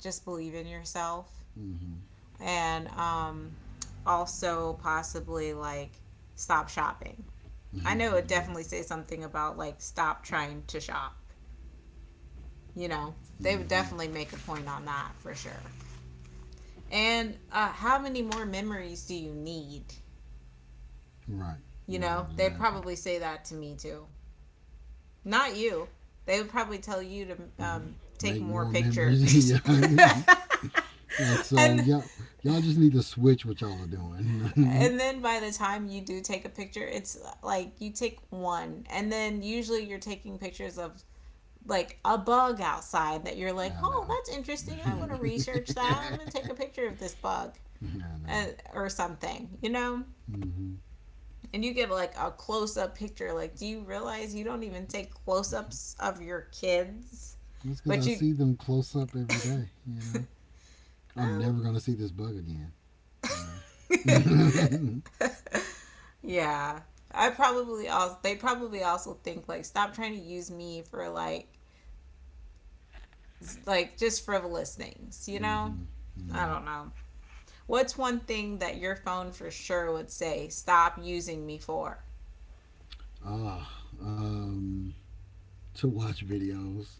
just believe in yourself,
hmm hmm
and also possibly like stop shopping. I know it would
Yeah.
definitely say something about like stop trying to shop. You know, they would
hmm
definitely make a point on that for sure. And how many more memories do you need?
Right.
You
Right.
know, they'd
Exactly.
probably say that to me too. Not you. They would probably tell you to
hmm
take
Make
more
more memories. yeah.
pictures.
like so.
and
Y'all. Y'all just need to switch what y'all are doing.
and then by the time you do take a picture, it's like you take one, and then usually you're taking pictures of like a bug outside that you're like,
I know.
oh, that's interesting. I want to research that. I'm gonna take a picture of this bug,
I know.
uh, or something, you know?
Hmm
And you get like a close up picture. Like, do you realize you don't even take close ups of your kids?
That's because
But
I
you,
see them close up every day. You know, I'm
oh,
never gonna see this bug again. You know.
yeah. I probably also, they probably also think like stop trying to use me for like just frivolous things, you know?
hmm
I
Yeah.
don't know. What's one thing that your phone for sure would say stop using me for?
Oh, um, to watch videos.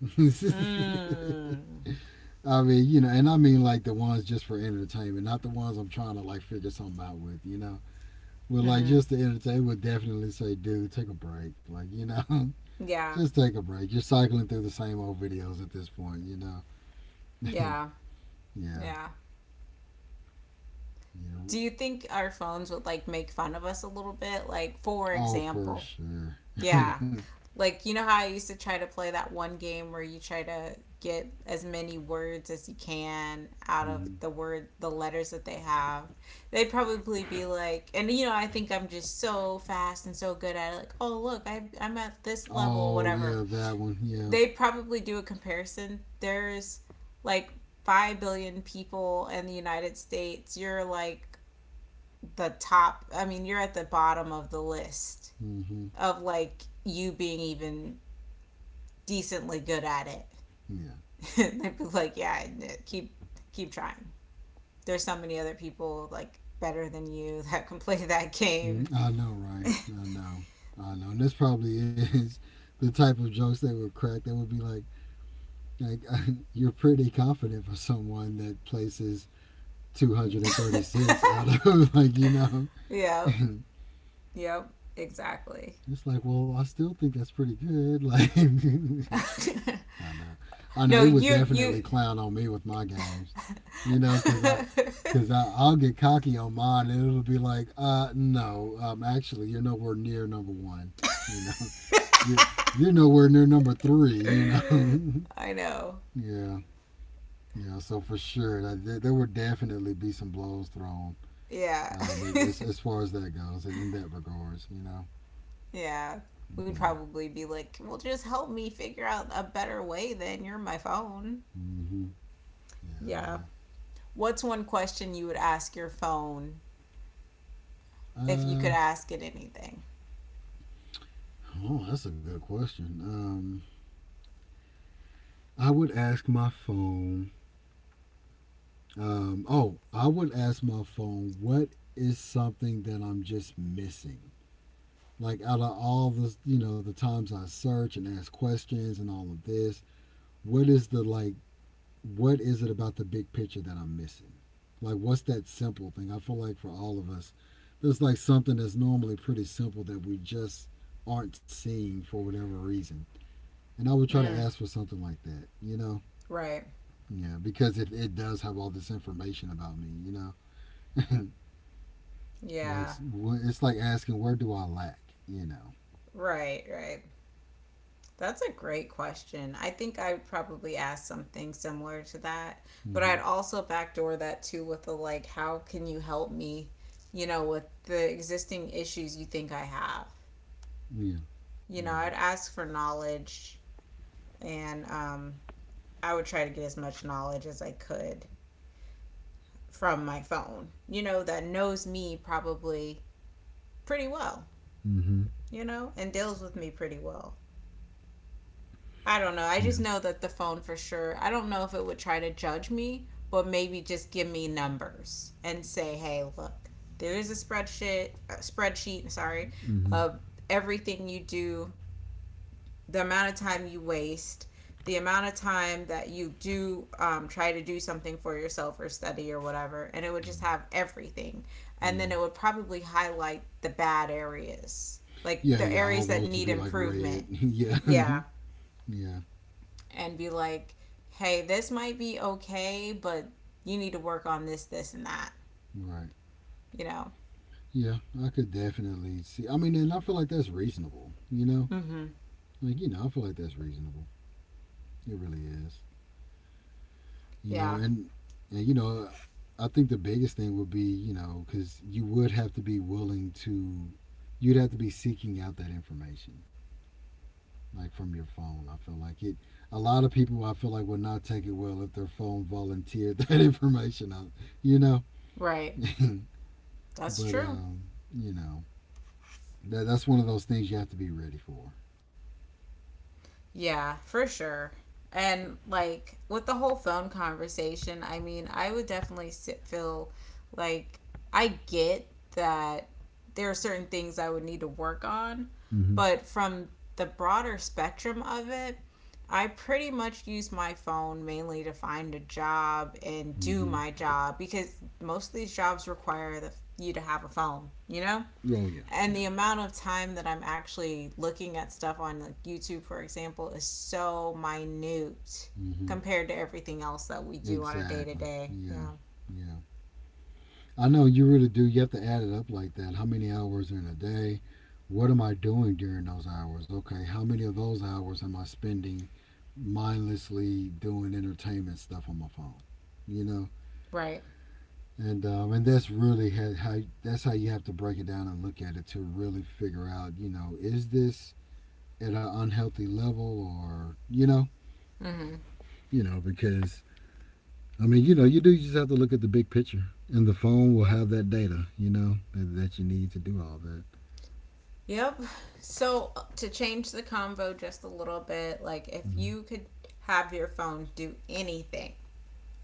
Mm.
I mean, you know, and I mean like the ones just for entertainment, not the ones I'm trying to like figure something out with. You know, but like
Mhm.
just to entertain would definitely say, dude, take a break. Like you know,
Yeah.
just take a break. You're cycling through the same old videos at this point, you know.
Yeah.
yeah,
Yeah.
yeah.
Do you think our phones would like make fun of us a little bit? Like for
Oh, for
example,
sure.
yeah. Like, you know how I used to try to play that one game where you try to get as many words as you can out of
hmm
the word, the letters that they have? They'd probably be like, and you know, I think I'm just so fast and so good at it. Like, oh, look, I'm at this level or
Oh, yeah,
whatever.
that one. Yeah.
They probably do a comparison. There's like 5 billion people in the United States. You're like the top, I mean, you're at the bottom of the list
mm hmm
of like you being even decently good at it.
Yeah.
And would be like, yeah, keep keep trying. There's so many other people like better than you that can play that game.
Mm, I know, right? I know. I know. And this probably is the type of jokes that would crack. That would be like you're pretty confident for someone that places 236 out of like you know. it's
Yep. Yep. Exactly.
like, well, I still think that's pretty good. Like. I know. I know
no,
it would
you
definitely
you
clown on me with my games, because I, because I'll get cocky on mine and it'll be like, no, actually, you're nowhere near number one, you know, you're you're nowhere near number three, you know,
I know.
yeah, yeah. So for sure, there would definitely be some blows thrown,
Yeah.
as, as as far as that goes, in that regards,
yeah. We'd
yeah,
probably be like, well, just help me figure out a better way. Then you're my phone.
mm-hmm. yeah,
Yeah.
no.
What's one question you would ask your phone if you could
Uh,
ask it anything?
oh, that's a good question. I would ask my phone. Oh, I would ask my phone what is something that I'm just missing. Like out of all the you know the times I search and ask questions and all of this, what is the like what is it about the big picture that I'm missing? Like what's that simple thing? I feel like for all of us, there's like something that's normally pretty simple that we just aren't seeing for whatever reason. And I would try to
Mm,
ask for something like that, you know.
right.
Yeah, because if it does have all this information about me, you know, like
Yeah.
it's like asking where do I lack, you know.
Right. Right. That's a great question. I think I would probably ask something similar to that, but I'd
Mm-hmm.
also backdoor that too with the like, how can you help me? You know, with the existing issues you think I have.
Yeah,
You know,
yeah.
I'd ask for knowledge, and I would try to get as much knowledge as I could from my phone. You know, that knows me probably pretty well,
Mm-hmm.
you know, and deals with me pretty well. I don't know. I just
Yeah.
know that the phone for sure. I don't know if it would try to judge me, but maybe just give me numbers and say, "Hey, look, there is a spreadsheet, sorry, of
Mm-hmm.
everything you do, the amount of time you waste, the amount of time that you do, try to do something for yourself or study or whatever, and it would just have everything. And
Yeah.
then it would probably highlight the bad areas, like
Yeah,
the
yeah.
areas
All
that
those
need
would be like
improvement.
red. yeah.
Yeah.
yeah.
And be like, hey, this might be okay, but you need to work on this, this, and that,
Right.
you know?"
Yeah. I could definitely see. I mean, and I feel like that's reasonable, you know?
Mm-hmm.
Like, I feel like that's reasonable. It really is. you know,
Yeah,
and and you know, I think the biggest thing would be because you would have to be willing to, you'd have to be seeking out that information like from your phone. I feel like it. A lot of people I feel like would not take it well if their phone volunteered that information out. You know,
right.
but
That's true.
um, you know that that's one of those things you have to be ready for.
Yeah, for sure. And like with the whole phone conversation, I mean, I would definitely sit, feel like I get that there are certain things I would need to work on,
Mm-hmm.
but from the broader spectrum of it, I pretty much use my phone mainly to find a job and do
Mm-hmm.
my job because most of these jobs require you to have a phone, you know?
Oh yeah,
And
yeah.
the amount of time that I'm actually looking at stuff on like YouTube, for example, is so minute
Mm-hmm.
compared to everything else that we do on a day to
Exactly.
day.
Yeah.
Yeah.
Yeah. I know you really do. You have to add it up like that. How many hours are in a day? What am I doing during those hours? Okay, how many of those hours am I spending mindlessly doing entertainment stuff on my phone? You know,
Right.
and that's how you have to break it down and look at it to really figure out. Is this at an unhealthy level or
Mm-hmm.
you know, because I mean, you do you just have to look at the big picture, and the phone will
Yep.
have that data. You know, that you need to do all that.
Yep. So, to change the convo just a little bit, like if
Mm-hmm.
you could have your phone do anything,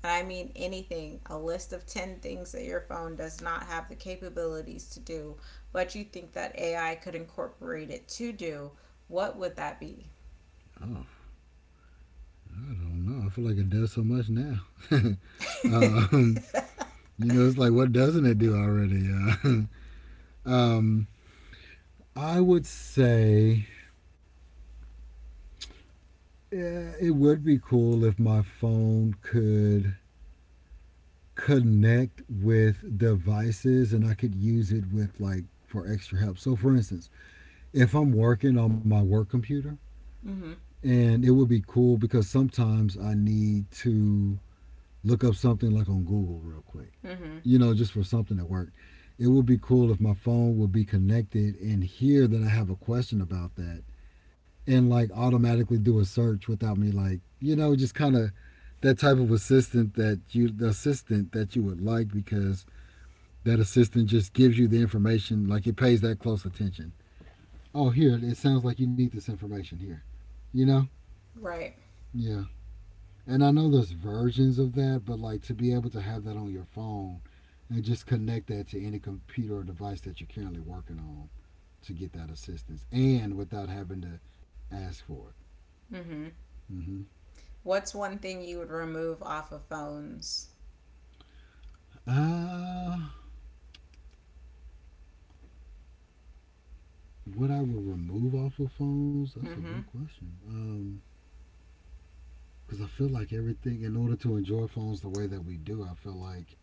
and I mean anything, a list of 10 things that your phone does not have the capabilities to do, but you think that AI could incorporate it to do, what would that be?
Oh, I don't know. I feel like it does so much now. um, you know, it's like what doesn't it do already? Um, I would say yeah, it would be cool if my phone could connect with devices and I could use it with like for extra help. So, for instance, if I'm working on my work computer,
Mhm.
and it would be cool because sometimes I need to look up something like on Google real quick,
Mhm.
you know, just for something at work. It would be cool if my phone would be connected and hear that I have a question about that and like automatically do a search without me like just kind of that type of assistant that you the assistant that you would like, because that assistant just gives you the information. Like it pays that close attention. Oh, here, it sounds like you need this information here, you know.
Right.
Yeah. And I know there's versions of that, but like to be able to have that on your phone and just connect that to any computer or device that you're currently working on to get that assistance and without having to ask for it.
Mhm.
Mm-hmm.
What's one thing you would remove off of phones?
Uh, what I would remove off of phones? That's a good
Mhm.
question. Because I feel like everything, in order to enjoy phones the way that we do, I feel like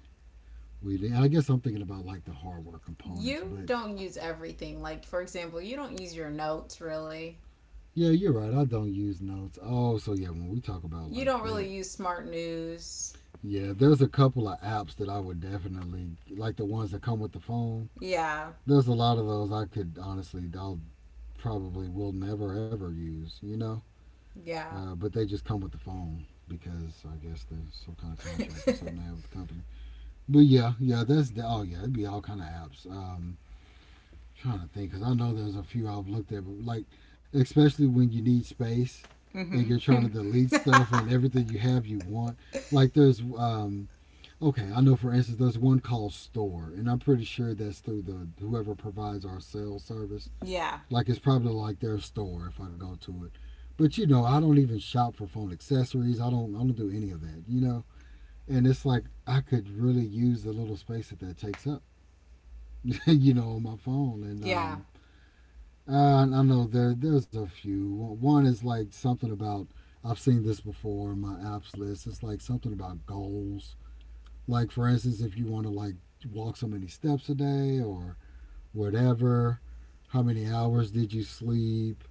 we. I guess I'm thinking about like the hardware components,
You
but
don't use everything. Like for example, you don't use your notes really.
yeah, you're right. I don't use notes. Oh, so yeah, when we talk about
You
like
don't really
that,
use smart news.
yeah, there's a couple of apps that I would definitely like the ones that come with the phone.
Yeah.
There's a lot of those I could honestly, I'll probably will never ever use, you know?
Yeah.
But they just come with the phone because I guess there's some kind of contract or something they have with the company. But yeah, yeah, that's the, oh yeah, it'd be all kind of apps. Trying to think because I know there's a few I've looked at, but like especially when you need space and
Mhm.
you're trying to delete stuff and everything you have you want. Like there's okay, I know for instance there's one called Store, and I'm pretty sure that's through the whoever provides our sales service.
Yeah.
Like it's probably like their store if I go to it. But you know, I don't even shop for phone accessories. I don't do any of that, you know? And it's like I could really use the little space that that takes up, you know, on my phone. And
Yeah.
I know there's a few. One is like something about I've seen this before in my apps list. It's like something about goals, like for instance, if you want to like walk so many steps a day or whatever, how many hours did you sleep?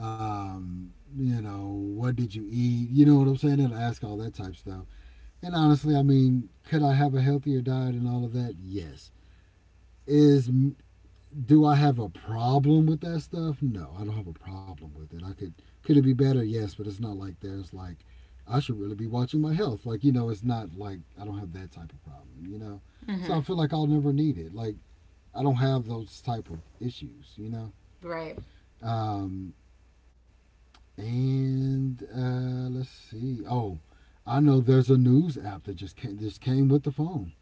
You know, what did you eat? You know what I'm saying? It'll ask all that type of stuff. And honestly, I mean, could I have a healthier diet and all of that? Yes. Is Do I have a problem with that stuff? No, I don't have a problem with it. I could — could it be better? Yes, but it's not like there's like I should really be watching my health. Like you know, it's not like I don't have that type of problem. You know, so I
Mhm.
feel like I'll never need it. Like I don't have those type of issues. You know,
Right.
um, and let's see. Oh, I know there's a news app that just came with the phone.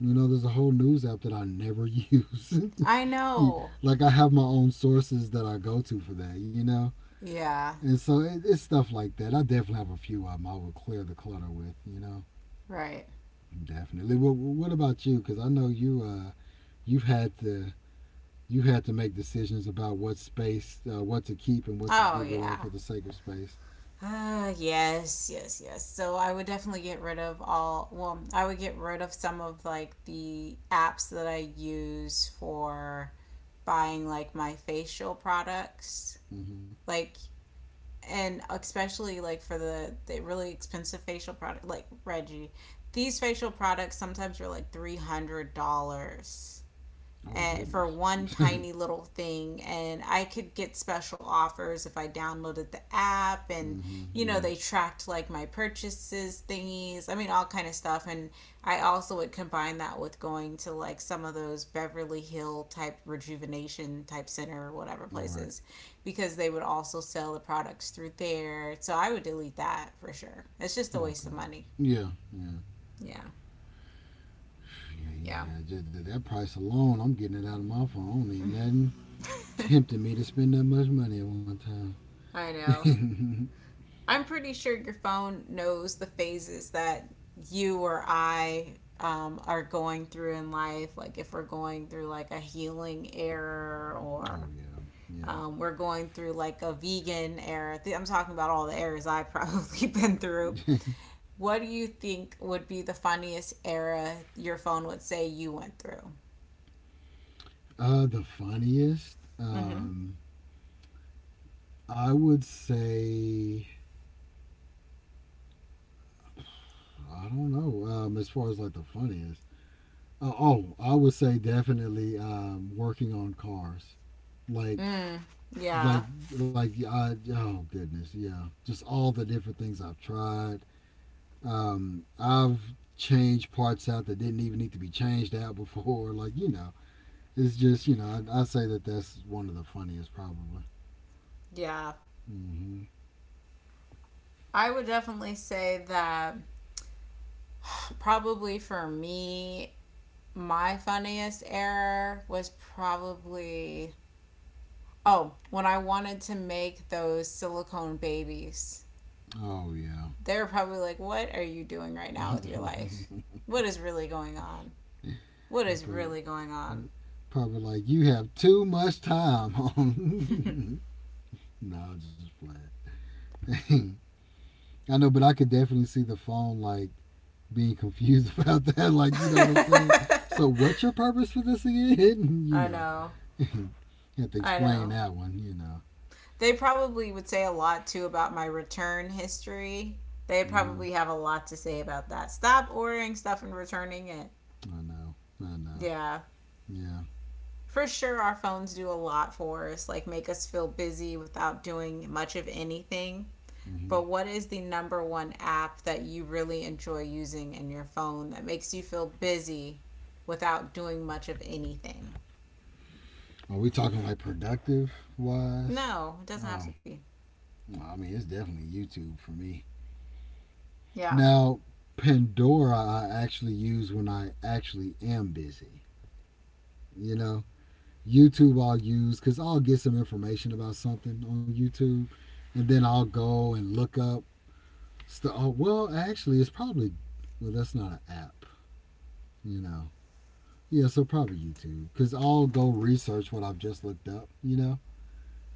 You know, there's a whole news app that I never use.
I know.
Like I have my own sources that I go to for that, you know.
Yeah.
And so it's stuff like that. I definitely have a few of them I would clear the clutter with, you know.
Right.
Definitely. What about you? Because I know you you've had to you had to make decisions about what space, what to keep and what to get
Oh
rid of for
yeah.
the sake of space.
Ah, yes, yes, yes. So I would definitely get rid of all, well, I would get rid of some of like the apps that I use for buying like my facial products.
Hmm.
Like, and especially like for the really expensive facial product, like Reggie, these facial products sometimes are like $300
Oh
at, for
goodness.
one tiny little thing, and I could get special offers if I downloaded the app, and
Hmm.
you know,
Yeah.
they tracked like my purchases thingies, I mean all kind of stuff, and I also would combine that with going to like some of those Beverly Hill type rejuvenation type center or whatever
All right.
places, because they would also sell the products through there. So I would delete that for sure. It's just a waste of
Okay.
money,
Yeah. Yeah.
yeah,
Yeah,
yeah.
yeah, just that price alone, I'm getting it out of my phone. I don't need nothing tempting me to spend that much money at one
I know.
time.
I'm pretty sure your phone knows the phases that you or I are going through in life. Like if we're going through like a healing error, or
Oh yeah, yeah.
we're going through like a vegan error. I'm talking about all the errors I've probably been through. What do you think would be the funniest era your phone would say you went through?
The funniest,
Mm-hmm.
I would say, I don't know. As far as like the funniest, oh, I would say definitely working on cars, like.
Mm, yeah.
Like, oh goodness, yeah. Just all the different things I've tried. I've changed parts out that didn't even need to be changed out before. Like you know, it's just you know, I say that that's one of the funniest probably.
Yeah.
Hmm.
I would definitely say that probably for me, my funniest error was probably, oh, when I wanted to make those silicone babies.
Oh yeah.
They were probably like, what are you doing right now with your life? What is really going on? What
They
is really going on?
probably like you have too much time on. No, I'm just playing. I know, but I could definitely see the phone like being confused about that. Like you know what I'm saying? So what's your purpose for this again? You
I
know.
know,
You have to
I
explain
know.
that one, you know.
They probably would say a lot too about my return history. They
Hmm.
probably have a lot to say about that. Stop ordering stuff and returning it.
I know. I know.
Yeah,
Yeah.
for sure. Our phones do a lot for us, like make us feel busy without doing much of anything.
Hmm.
But what is the number one app that you really enjoy using in your phone that makes you feel busy without doing much of anything?
Are we talking like productive wise?
No, it doesn't have
Oh,
to be.
well, I mean, it's definitely YouTube for me.
Yeah.
Now, Pandora, I actually use when I actually am busy. You know, YouTube I'll use because I'll get some information about something on YouTube, and then I'll go and look up stuff. Oh, well, actually, it's probably well, that's not an app. You know, yeah, so probably YouTube, because I'll go research what I've just looked up, you know,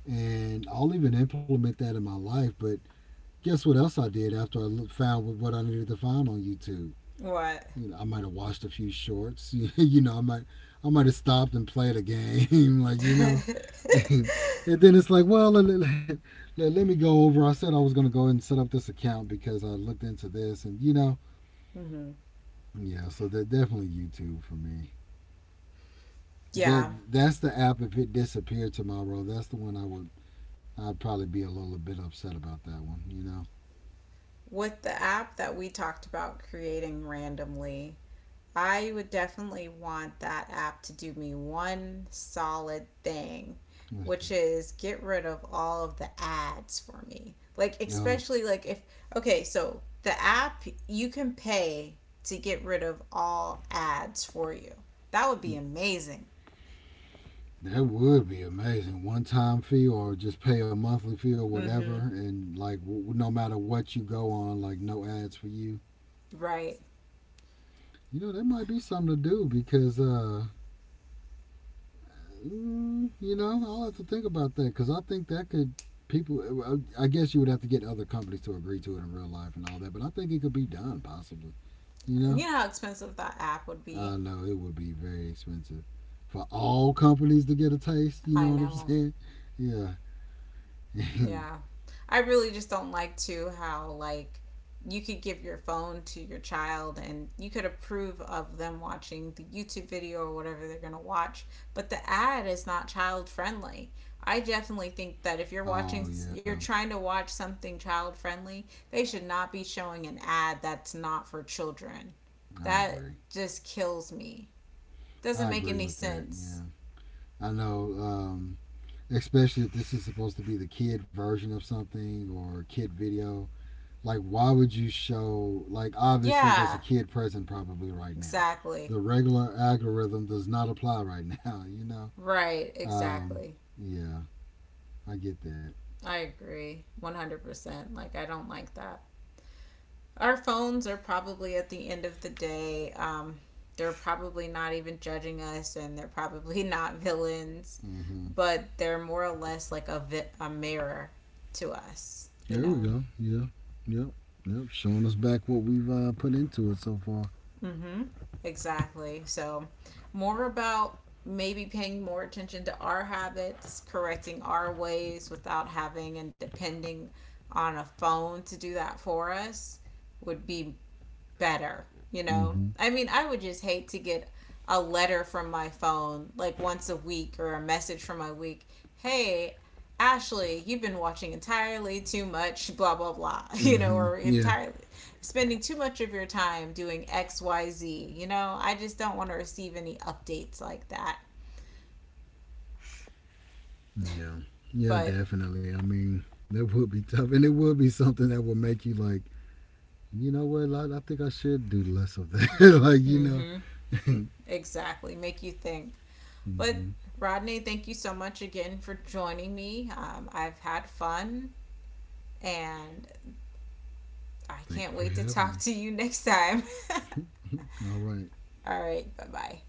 and I'll even implement that in my life. But guess what else I did after I found what I needed to find on YouTube?
What?
You know, I might have watched a few shorts. You know, I might have stopped and played a game, like you know.
Mm-hmm.
And then it's like, well, let me go over. I said I was going to go and set up this account because I looked into this, and you know, yeah. So they're definitely YouTube for me. That
Yeah.
that's the app. If it disappeared tomorrow, that's the one I would. I'd probably be a little bit upset about that one. You know,
With the app that we talked about creating randomly, I would definitely want that app to do me one solid thing,
what's that?
which is get rid of all of the ads for me. Like,
Oh,
especially like if, okay, so the app, you can pay to get rid of all ads for you. That would be amazing.
that would be amazing. One time fee or just pay a monthly fee or
Mm
whatever,
hmm.
and like no matter what you go on, like no ads for you.
Right.
You know, that might be something to do because, you know, I'll have to think about that because I think that could people. I guess you would have to get other companies to agree to it in real life and all that, but I think it could be done possibly. You know,
You know how expensive that app would be?
I know it would be very expensive for all companies to get a taste. You
I
know what I'm
know.
saying? Yeah.
Yeah. I really just don't like too how like you could give your phone to your child and you could approve of them watching the YouTube video or whatever they're going to watch, but the ad is not child friendly. I definitely think that if you're
Oh
watching,
yeah,
you're trying to watch something child friendly, they should not be showing an ad that's not for children.
I
That
agree.
just kills me. Doesn't
I
make
agree
any
with that.
sense.
Yeah, I know. Especially if this is supposed to be the kid version of something or kid video. Like, why would you show? Like, obviously, there's
Yeah,
a kid present probably right now.
exactly.
The regular algorithm does not apply right now. You know.
Right,
Um,
exactly.
yeah, I get that.
I agree 100%. Like, I don't like that. Our phones are probably at the end of the day, they're probably not even judging us, and they're probably not villains,
Mm-hmm.
but they're more or less like a, a mirror to us, you
Here we
know?
go. Yeah. Yep. Yep. Showing us back what we've put into it so far.
Mm hmm. Exactly. So, more about maybe paying more attention to our habits, correcting our ways without having and depending on a phone to do that for us, would be better, you know?
Mm-hmm.
I mean, I would just hate to get a letter from my phone like once a week, or a message from my week. Hey, Ashley, you've been watching entirely too much, blah, blah, blah, you know,
Mm-hmm.
or
Yeah.
entirely spending too much of your time doing XYZ, you know? I just don't want to receive any updates like that.
Yeah. Yeah,
But,
definitely. I mean, that would be tough. And it would be something that would make you like, you know what, I think I should do less of that. Like, you
mm
know.
hmm, exactly, make you think. But,
Mm-hmm.
Rodney, thank you so much again for joining me. I've had fun, and I
Thank you
can't
for
wait to
having
talk
me.
to you next time.
All right.
All right, bye bye.